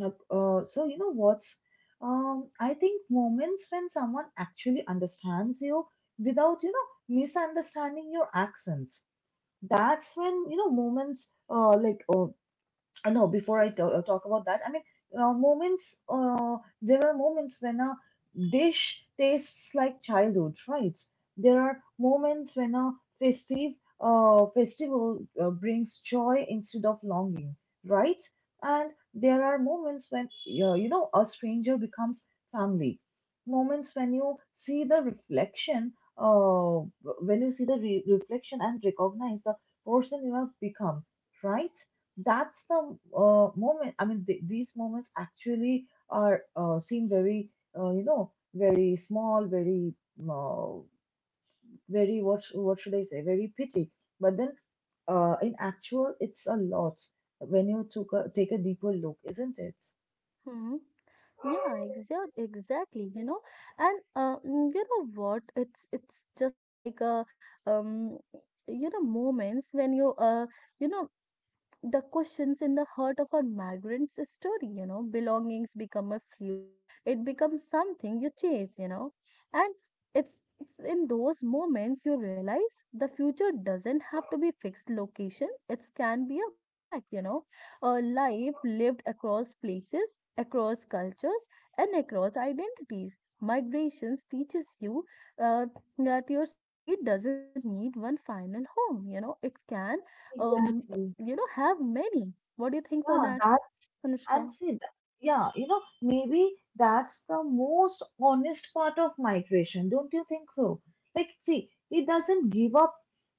Speaker 1: So you know what's I think moments when someone actually understands you without misunderstanding your accents. That's when, moments, like, no, before I talk about that, I mean, moments, there are moments when a dish tastes like childhood, right? There are moments when a festive festival brings joy instead of longing, right? And there are moments when, a stranger becomes family. Moments when you see the reflection and recognize the person you have become, right? That's the moment. I mean, these moments actually are seem very, very small, very, uh, very, what should I say? Very petty. But then, in actual, it's a lot when you take a deeper look, isn't it?
Speaker 2: Hmm. Yeah, exactly. You know, and you know what? It's just like a um, you know, moments when you you know, the questions in the heart of a migrant's story, you know, belongings become a fluid, it becomes something you chase, you know, and it's in those moments you realize the future doesn't have to be fixed location. It can be a mosaic, you know, a life lived across places, across cultures, and across identities. Migrations teaches you uh, that your story doesn't need one final home. You know, it can um,
Speaker 1: Exactly.
Speaker 2: you know, have many. What do you think for that,
Speaker 1: Yeah.
Speaker 2: Anushka?
Speaker 1: And see, maybe that's the most honest part of migration, don't you think so? Like, see, it doesn't give up,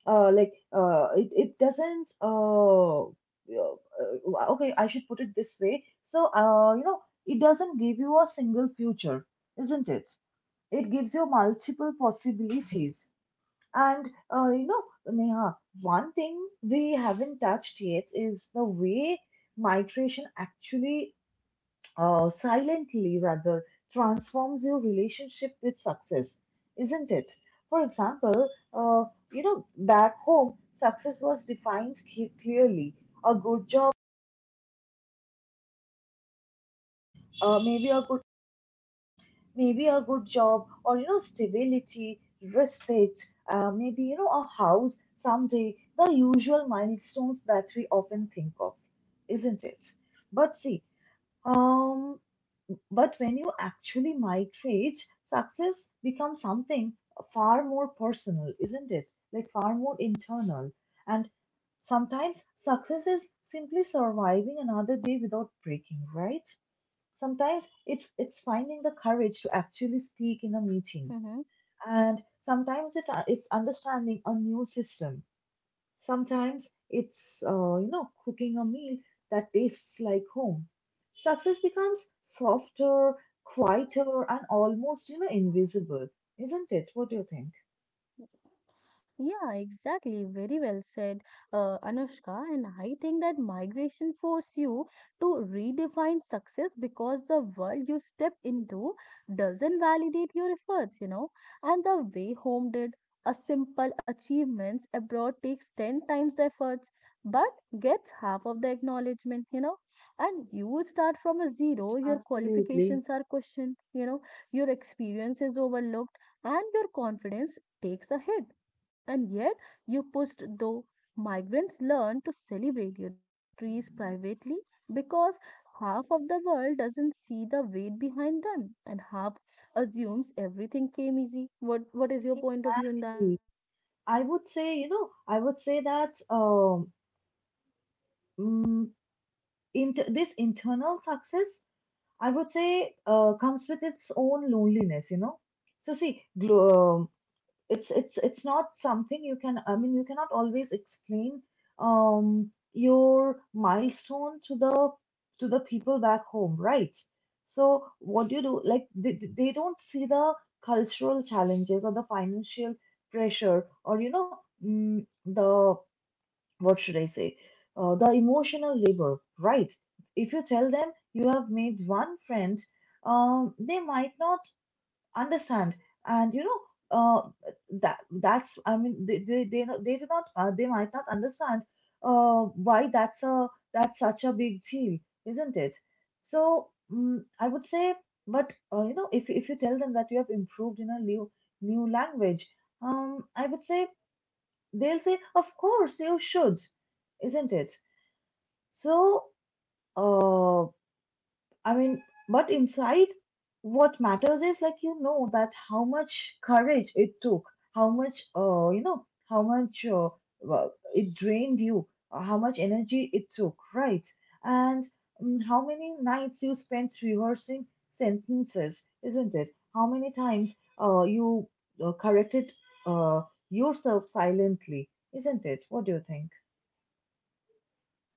Speaker 1: it doesn't, okay, I should put it this way. So, it doesn't give you a single future, isn't it? It gives you multiple possibilities. And, Neha, one thing we haven't touched yet is the way migration actually, silently rather, transforms your relationship with success, isn't it? For example, back home, success was defined clearly. A good job, uh, maybe a good, maybe a good job, or, stability, respect, maybe, a house someday. The usual milestones that we often think of, isn't it? But see, um, But when you actually migrate, success becomes something far more personal, isn't it? Like, far more internal. And sometimes, success is simply surviving another day without breaking, right? Sometimes it's finding the courage to actually speak in a meeting.
Speaker 2: Mhm.
Speaker 1: And sometimes it's understanding a new system. Sometimes it's, cooking a meal that tastes like home. Success becomes softer, quieter, and almost, invisible, isn't it? What do you think?
Speaker 2: Yeah, exactly. Very well said, Anushka. And I think that migration force you to redefine success because the world you step into doesn't validate your efforts, you know. And the way home did, a simple achievements abroad takes 10 times the efforts, but gets half of the acknowledgement, you know. And you start from a zero, your
Speaker 1: Absolutely.
Speaker 2: qualifications are questioned, you know, your experience is overlooked, and your confidence takes a hit, and yet, you pushed though migrants learn to celebrate, you know, victories privately because half of the world doesn't see the weight behind them and half assumes everything came easy. What is your point of view in that?
Speaker 1: Exactly. I would say, I would say that, mm, inter this internal success, I would say, comes with its own loneliness. So see, glo it's not something you can, I mean, you cannot always explain your milestone to the people back home, right? So what do you do? Like, they don't see the cultural challenges, or the financial pressure, or, the, what should I say, the emotional labor, right? If you tell them you have made one friend, they might not understand. And, uh that that's, I mean, they do not, they might not understand, uh why that's a, that's such a big deal, isn't it? So, I would say, but, if, you tell them that you have improved in a new language, I would say, they'll say, of course you should, isn't it? So, uh I mean, but inside, what matters is, like, that how much courage it took, how much, how much, well, it drained you, how much energy it took, right? And, how many nights you spent rehearsing sentences, isn't it? How many times, you, corrected, uh yourself silently, isn't it? What do you think?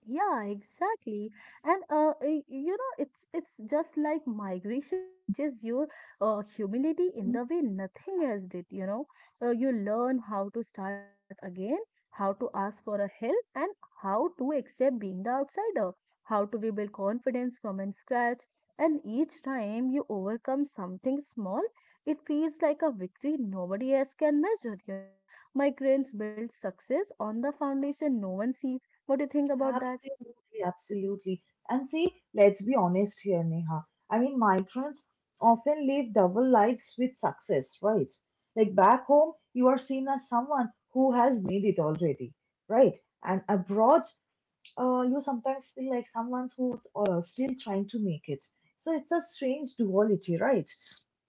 Speaker 2: Yeah, exactly. And you know, it's just like migration teaches you humility in the way nothing else did, you know. You learn how to start again, how to ask for a help, and how to accept being the outsider, how to rebuild confidence from in scratch. And each time you overcome something small, it feels like a victory nobody else can measure, you know. Migrants build success on the foundation no one sees. What do you think about that?
Speaker 1: Absolutely, absolutely. And see, let's be honest here, Neha. I mean, migrants often live double lives with success, right? Like, back home, you are seen as someone who has made it already, right? And abroad, you sometimes feel like someone who's, still trying to make it. So it's a strange duality, right?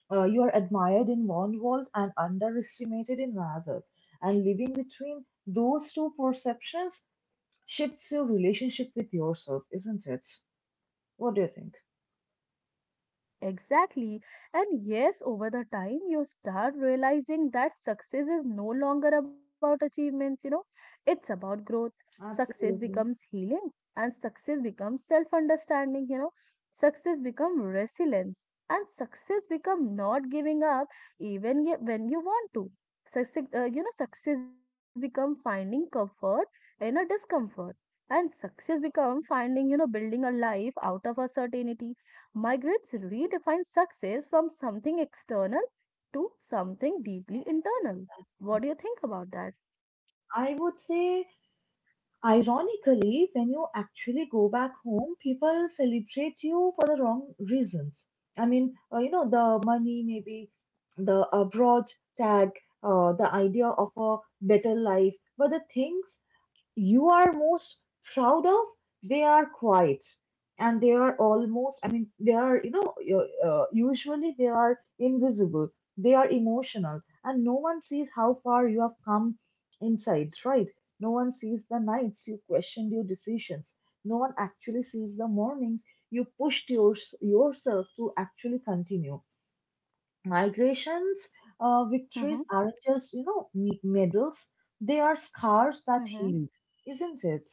Speaker 1: You are admired in one world and underestimated in another. And living between those two perceptions shapes your relationship with yourself, isn't it? What do you think?
Speaker 2: Exactly. And yes, over the time, you start realizing that success is no longer about achievements, you know, it's about growth. Success becomes
Speaker 1: Absolutely.
Speaker 2: healing and success becomes self understanding, you know, success becomes resilience and success becomes not giving up, even when you want to. Success, you know, success becomes finding comfort in a discomfort, and success becomes finding, you know, building a life out of uncertainty. Migrants redefine success from something external to something deeply internal. What do you think about that?
Speaker 1: I would say, ironically, when you actually go back home, people celebrate you for the wrong reasons. I mean, the money, maybe the abroad tag, the idea of a better life. But the things you are most proud of, they are quiet, and they are almost, I mean, they are, usually they are invisible, they are emotional, and no one sees how far you have come inside, right? No one sees the nights you questioned your decisions. No one actually sees the mornings you pushed yourself to actually continue. Migrations, victories aren't just, medals, they are scars that
Speaker 2: Mm-hmm.
Speaker 1: heal, isn't it?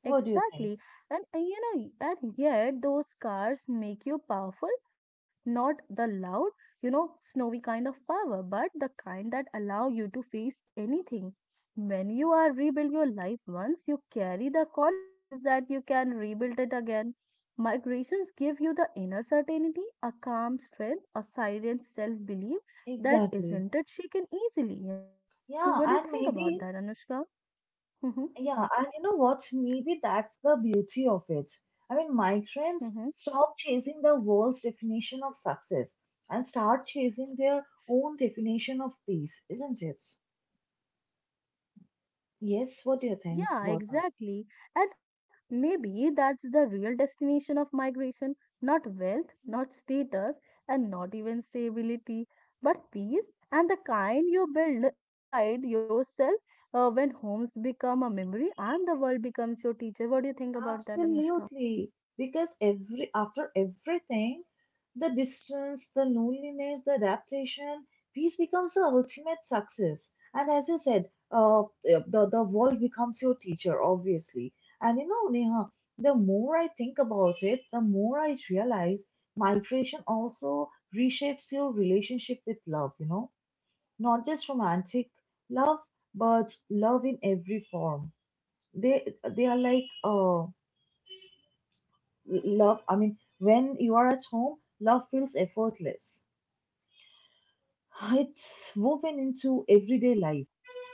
Speaker 1: What do you think?
Speaker 2: And you know, and yet those scars make you powerful, not the loud, you know, snowy kind of power, but the kind that allow you to face anything. When you are rebuild your life once, you carry the confidence that you can rebuild it again. Migrations give you the inner certainty, a calm strength, a silent self-belief that
Speaker 1: Exactly.
Speaker 2: isn't it shaken easily, you know. What
Speaker 1: Yeah,
Speaker 2: do you
Speaker 1: and
Speaker 2: think about
Speaker 1: maybe,
Speaker 2: that, Anushka?
Speaker 1: yeah, and you know what? Maybe that's the beauty of it. I mean, migrants
Speaker 2: Mm-hmm.
Speaker 1: stop chasing the world's definition of success and start chasing their own definition of peace, isn't it? Yes, what do you think
Speaker 2: Yeah,
Speaker 1: about that?
Speaker 2: exactly. And maybe that's the real destination of migration, not wealth, not status, and not even stability, but peace and the kind you build inside yourself when homes become a memory and the world becomes your teacher. What do you think about that, Anushka?
Speaker 1: Absolutely. Because every after everything, the distance, the loneliness, the adaptation, peace becomes the ultimate success. And as you said, the world becomes your teacher, obviously. And you know, Neha, the more I think about it, the more I realize migration also reshapes your relationship with love. You know, not just romantic love, but love in every form. They are like love, I mean, when you are at home, love feels effortless. It's woven into everyday
Speaker 2: Hmm.
Speaker 1: life.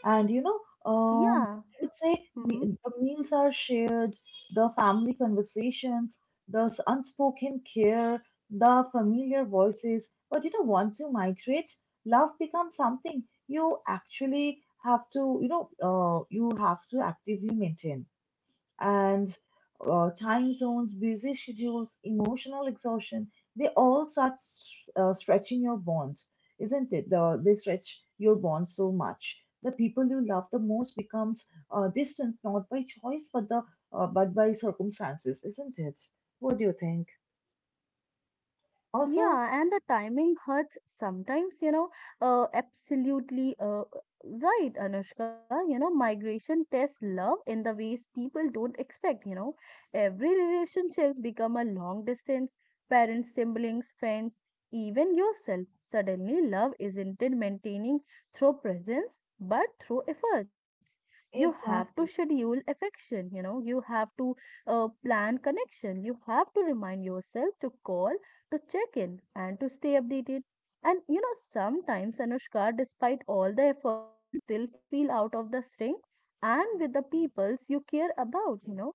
Speaker 1: And you know, um,
Speaker 2: Yeah.
Speaker 1: I would say
Speaker 2: Hmm.
Speaker 1: the meals are shared, the family conversations, the unspoken care, the familiar voices. But you know, once you migrate, love becomes something you actually have to, you know, you have to actively maintain and time zones, busy schedules, emotional exhaustion, they all start, stretching your bond, isn't it? They stretch your bond so much. The people you love the most becomes distant, not by choice, but the but by circumstances, isn't it? What do you think? Also,
Speaker 2: Yeah, and the timing hurts sometimes, you know. Absolutely right, Anushka. You know, migration tests love in the ways people don't expect, you know. Every relationships become a long distance, parents, siblings, friends, even yourself. Suddenly, love isn't it maintaining through presence, but through efforts. You have to
Speaker 1: exactly.
Speaker 2: schedule affection, you know, you have to plan connection, you have to remind yourself to call, to check in, and to stay updated. And you know, sometimes, Anushka, despite all the efforts, you still feel out of the sync, and with the peoples you care about, you know,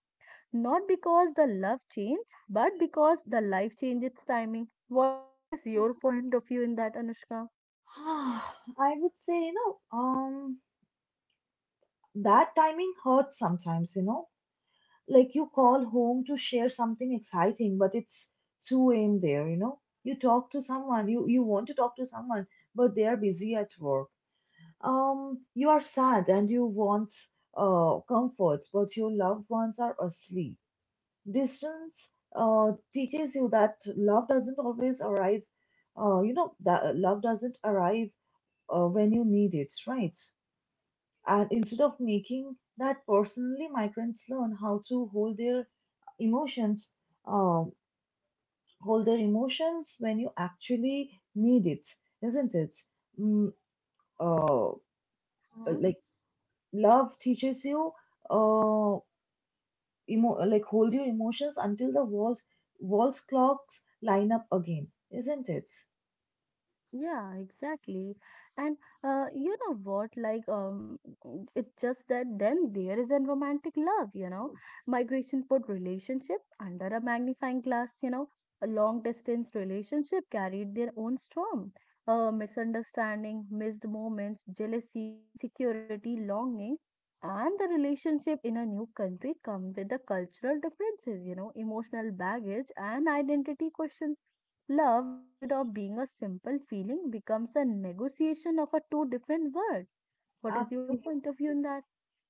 Speaker 2: not because the love changed, but because the life changed its timing. What is your point of view in that, Anushka?
Speaker 1: I would say, you know, that timing hurts sometimes, you know, like you call home to share something exciting, but it's 2 a.m. there, you know? You talk to someone, you want to talk to someone, but they are busy at work. You are sad and you want comfort, but your loved ones are asleep. Distance teaches you that love doesn't always arrive, you know, that love doesn't arrive when you need it, right? And instead of making that personally, migrants learn how to emotions, um, hold their emotions when you actually need it, isn't it? Mm, uh, like love teaches you, uh, like hold your emotions until the walls, clocks line up again, isn't it?
Speaker 2: Yeah, exactly. And you know what? Like, it's just that then there is a romantic love, you know, migration put relationship under a magnifying glass, you know, a long distance relationship carried their own storm, misunderstanding, missed moments, jealousy, insecurity, longing, and the relationship in a new country come with the cultural differences, you know, emotional baggage and identity questions. Love, instead of being a simple feeling, becomes a negotiation of a two different words. What is your
Speaker 1: Absolutely.
Speaker 2: point of view in that?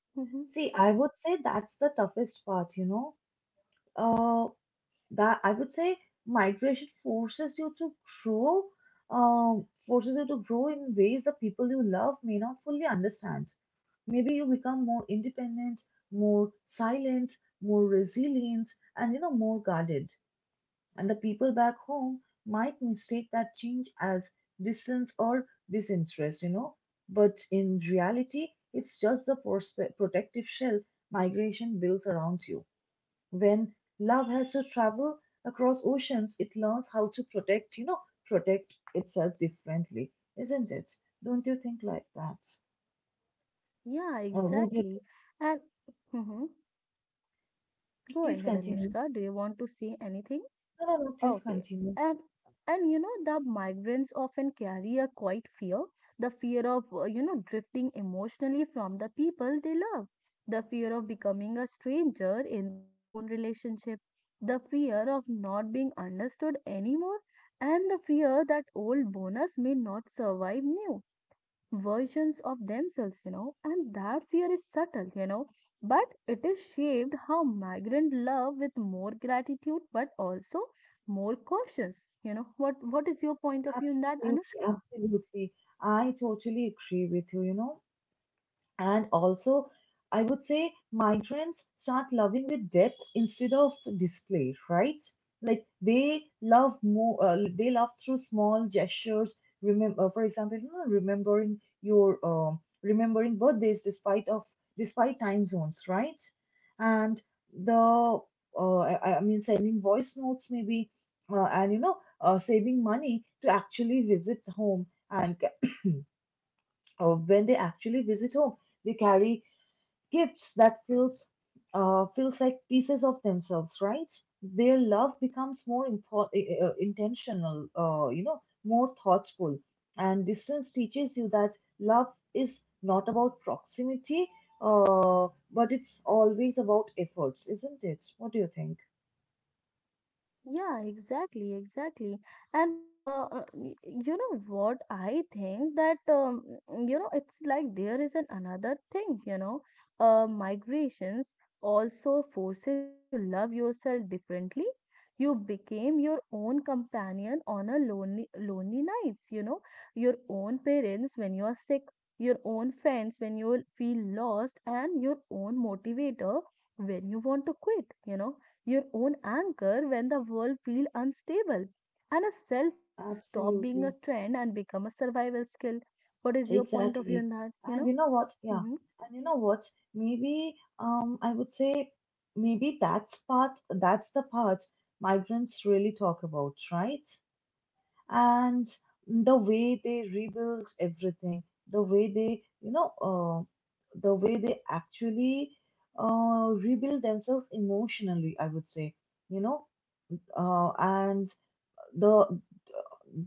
Speaker 2: Hmm.
Speaker 1: See, I would say that's the toughest part, you know. Uh, that I would say migration forces you to grow, forces you to grow in ways the people you love may not fully understand. Maybe you become more independent, more silent, more resilient, and you know more guarded. And the people back home might mistake that change as distance or disinterest, you know. But in reality, it's just the protective shell migration builds around you when love has to travel across oceans, it learns how to protect, you know, protect itself differently, isn't it? Don't you think like that?
Speaker 2: Yeah,
Speaker 1: What do you think?
Speaker 2: exactly. And hmm, go
Speaker 1: Please
Speaker 2: ahead,
Speaker 1: continue.
Speaker 2: Anushka. Do you want to say anything?
Speaker 1: No, no, no, please
Speaker 2: Okay.
Speaker 1: continue.
Speaker 2: And and you know the migrants often carry a quiet fear, the fear of, you know, drifting emotionally from the people they love, the fear of becoming a stranger in their own relationship, the fear of not being understood anymore, and the fear that old bonus may not survive new versions of themselves, you know, and that fear is subtle, you know, but it is shaped how migrant love with more gratitude but also more cautious. You know, what is your point of view in that,
Speaker 1: Absolutely,
Speaker 2: Anushka?
Speaker 1: absolutely. I totally agree with you, you know. And also, I would say my friends start loving with depth instead of display, right? Like they love more, they love through small gestures. Remember, for example, you know, remembering birthdays despite of despite time zones, right? And the I mean, sending voice notes maybe, and you know, saving money to actually visit home. And when they actually visit home, they carry gifts that feels feels like pieces of themselves, right? Their love becomes more intentional, you know, more thoughtful, and distance teaches you that love is not about proximity, but it's always about efforts, isn't it? What do you think?
Speaker 2: Yeah, exactly, exactly. And uh, you know what I think that you know, it's like there is an another thing, you know, migrations also forces you to love yourself differently. You became your own companion on a lonely nights, you know, your own parents when you are sick, your own friends when you feel lost, and your own motivator when you want to quit, you know, your own anchor when the world feels unstable. And a self love stop being a
Speaker 1: Absolutely.
Speaker 2: trend and become a survival skill. What is your point of view on
Speaker 1: Exactly.
Speaker 2: that? You
Speaker 1: And
Speaker 2: know?
Speaker 1: you know what? Yeah.
Speaker 2: Mhm.
Speaker 1: And you know what? Maybe I would say maybe that's the part migrants really talk about, right? And the way they rebuild everything, the way they, you know, the way they actually rebuild themselves emotionally, I would say, you know, and the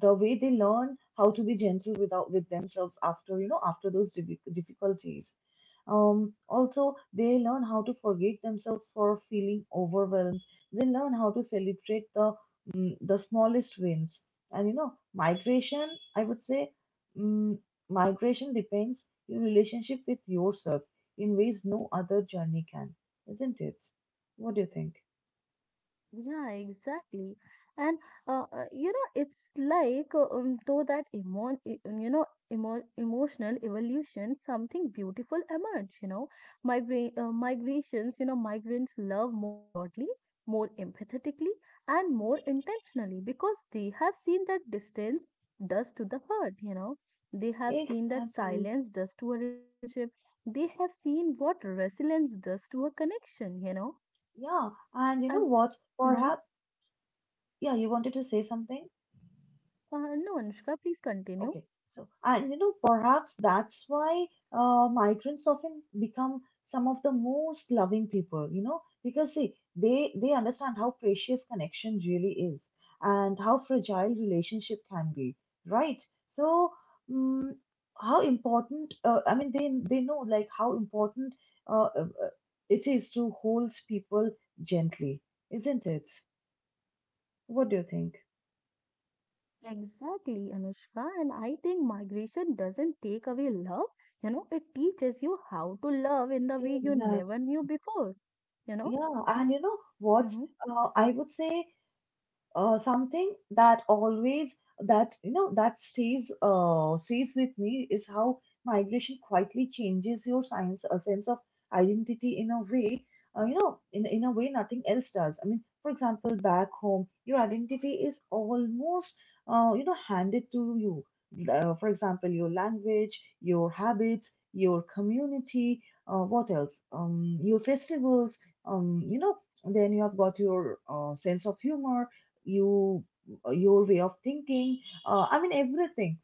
Speaker 1: the way they learn how to be gentle without with themselves after, you know, after those difficulties. Also, they learn how to forgive themselves for feeling overwhelmed. They learn how to celebrate the the smallest wins. And you know, migration, I would say, mm migration depends your relationship with yourself in ways no other journey can, isn't it? What do you think?
Speaker 2: Yeah, exactly. And you know, it's like though that you know, emotional evolution, something beautiful emerge. You know, migrations. You know, migrants love more broadly, more empathetically, and more intentionally because they have seen that distance does to the hurt. You know, they have seen that
Speaker 1: Exactly.
Speaker 2: silence does to a relationship. They have seen what resilience does to a connection. You know,
Speaker 1: Yeah, and you know
Speaker 2: and.
Speaker 1: what?
Speaker 2: Mhm.
Speaker 1: Perhaps yeah, you wanted to say something?
Speaker 2: No, Anushka, please continue.
Speaker 1: Okay. So, and you know, perhaps that's why migrants often become some of the most loving people, you know, because see, they understand how precious connection really is and how fragile relationship can be, right? So, mm how important, I mean, they know, like, how important uh, uh, uh, it is to hold people gently, isn't it? What do you think?
Speaker 2: Exactly, Anushka. And I think migration doesn't take away love. You know, it teaches you how to love in the way you
Speaker 1: Exactly.
Speaker 2: never knew before. You know?
Speaker 1: Yeah, and you know what?
Speaker 2: Mm-hmm.
Speaker 1: I would say something that always, that you know, that stays stays with me is how migration quietly changes your science a sense of identity in a way, you know, in a way nothing else does. I mean, for example, back home, your identity is almost you know, handed to you, for example, your language, your habits, your community, what else, your festivals, you know, then you have got your sense of humor, you, your way of thinking, I mean everything.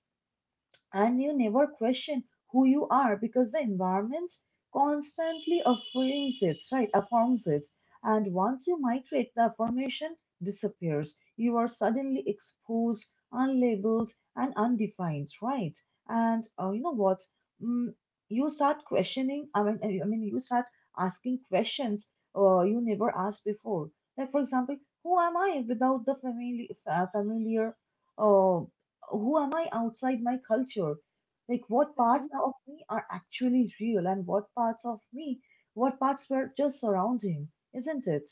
Speaker 1: And you never question who you are because the environment constantly affirms it, right? Affirms it. And once you migrate, the affirmation disappears. You are suddenly exposed, unlabeled, and undefined, right? And you know what? Mm, you start questioning. I mean, you start asking questions you never asked before. Like, for example, who am I without the family, familiar? Uh, who am I outside my culture? Like, what
Speaker 2: Mm-hmm.
Speaker 1: parts of me are actually real and what parts of me, what parts were just surrounding, isn't it?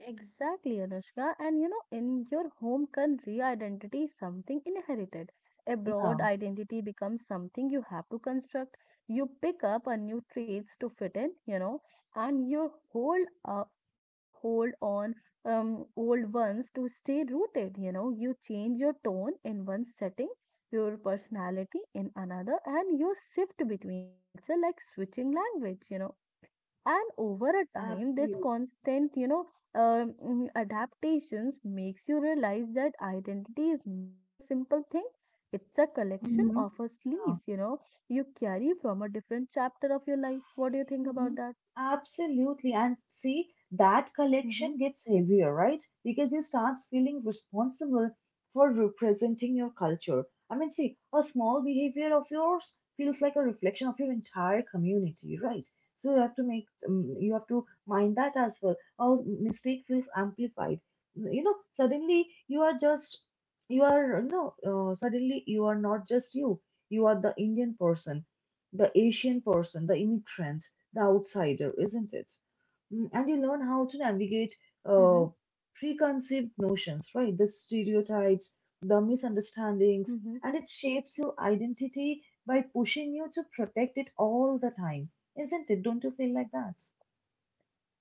Speaker 2: Exactly, Anushka. And you know, in your home country, identity is something inherited.
Speaker 1: Yeah,
Speaker 2: Abroad, identity becomes something you have to construct. You pick up a new traits to fit in, you know, and you hold, you know, hold on old ones to stay rooted. You know, you change your tone in one setting, your personality in another, and you shift between a culture like switching language. You know, and over a time this
Speaker 1: absolutely.
Speaker 2: constant, you know, adaptations makes you realize that identity is not a simple thing, it's a collection
Speaker 1: Mhm.
Speaker 2: of a sleeves, you know, you carry from a different chapter of your life. What do you think about
Speaker 1: Mhm.
Speaker 2: that?
Speaker 1: Absolutely. And see, that
Speaker 2: Mm-hmm,
Speaker 1: collection gets heavier, right? Because you start feeling responsible for representing your culture. I mean, see, a small behavior of yours feels like a reflection of your entire community, right? So you have to make, you have to mind that as well. Our mistake feels amplified. You know, suddenly you are just, you are, suddenly you are not just you. You are the Indian person, the Asian person, the immigrant, the outsider, isn't it? And you learn how to navigate
Speaker 2: mm-hmm,
Speaker 1: uh, preconceived notions, right? The stereotypes, the misunderstandings,
Speaker 2: mm-hmm.
Speaker 1: and it shapes your identity by pushing you to protect it all the time, isn't it? Don't you feel like that?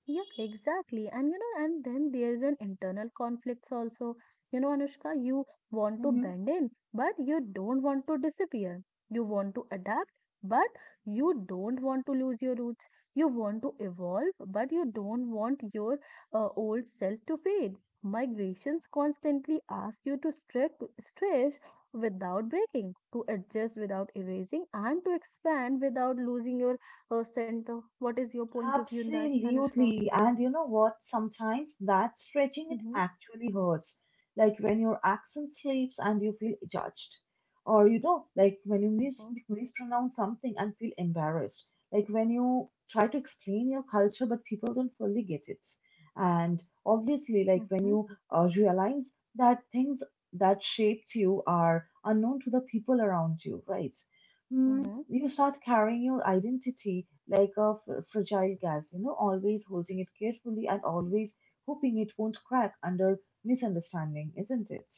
Speaker 2: Yeah, exactly. And you know, and then there's an internal conflicts also. You know, Anushka, you want to
Speaker 1: Mm-hmm.
Speaker 2: bend in, but you don't want to disappear. You want to adapt, but you don't want to lose your roots. You want to evolve, but you don't want your old self to fade. Migrations constantly ask you to stretch, stretch without breaking, to adjust without erasing, and to expand without losing your center. What is your point of view in that, Anushka?
Speaker 1: Absolutely. And you know what? Sometimes that stretching
Speaker 2: Hı
Speaker 1: it
Speaker 2: hı.
Speaker 1: actually hurts. Like when your accent slips and you feel judged. Or you know, like when you
Speaker 2: Hı hı.
Speaker 1: mispronounce something and feel embarrassed. Like when you try to explain your culture but people don't fully get it. And obviously,
Speaker 2: Hı
Speaker 1: like when
Speaker 2: hı.
Speaker 1: you realize that things that shaped you are unknown to the people around you, right?
Speaker 2: Hı
Speaker 1: Hmm,
Speaker 2: hı.
Speaker 1: you start carrying your identity like a fragile gas, you know, always holding it carefully and always hoping it won't crack under misunderstanding, isn't it?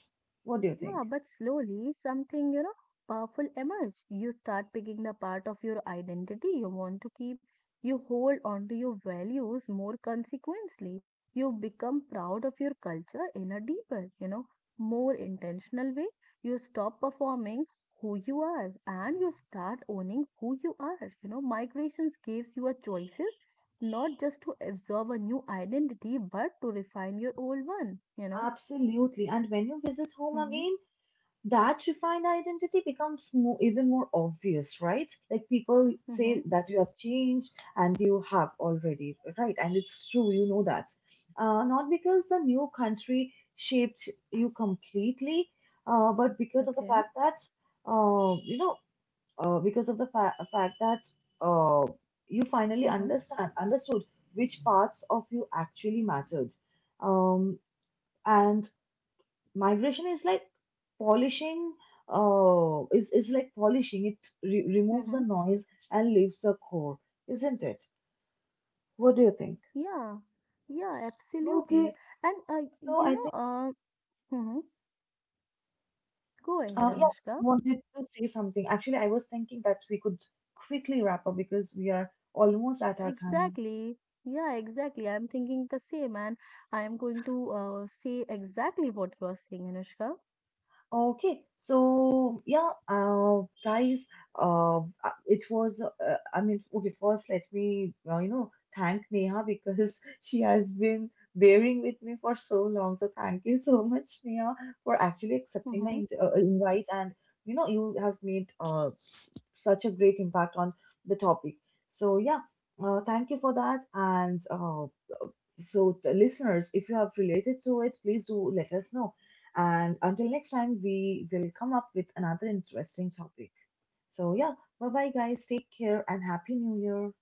Speaker 1: What do you
Speaker 2: Yeah,
Speaker 1: think?
Speaker 2: but slowly something, you know, powerful emerge. You start picking the part of your identity you want to keep. You hold on to your values more consequently. You become proud of your culture in a deeper, you know, more intentional way. You stop performing who you are and you start owning who you are. You know, migrations gives you a choices not just to absorb a new identity but to refine your old one, you know.
Speaker 1: Absolutely. And when you visit home
Speaker 2: Mm-hmm.
Speaker 1: again, that refined identity becomes more, even more obvious, right? Like people say
Speaker 2: Mm-hmm.
Speaker 1: that you have changed and you have already, right? And it's true, you know that. Not because the new country shaped you completely, but because of the fact
Speaker 2: Okay.
Speaker 1: that, you know, because of the fact that, uh, you
Speaker 2: Mm-hmm.
Speaker 1: understood which parts of you actually mattered. Um, and migration is like polishing, is like polishing. It removes the
Speaker 2: Mm-hmm.
Speaker 1: noise and leaves the core, isn't it? What do you think?
Speaker 2: Yeah. Yeah,
Speaker 1: Okay,
Speaker 2: absolutely. And
Speaker 1: so I
Speaker 2: you
Speaker 1: think,
Speaker 2: know, hmm, go ahead,
Speaker 1: yeah, I
Speaker 2: Anushka.
Speaker 1: wanted to say something. Actually, I was thinking that we could quickly wrap up because we are almost at our time.
Speaker 2: Exactly. Yeah, exactly. I'm thinking the same, and I am going to say exactly what you are saying, Anushka.
Speaker 1: Okay, so yeah, guys, it was, I mean, okay, first let me, you know, thank Neha because she has been bearing with me for so long. So thank you so much, Neha, for actually accepting my
Speaker 2: Mm-hmm.
Speaker 1: invite. And, you know, you have made such a great impact on the topic. So yeah, thank you for that. And so, listeners, if you have related to it, please do let us know. And until next time, we will come up with another interesting topic. So, yeah, bye bye, guys. Take care and Happy New Year.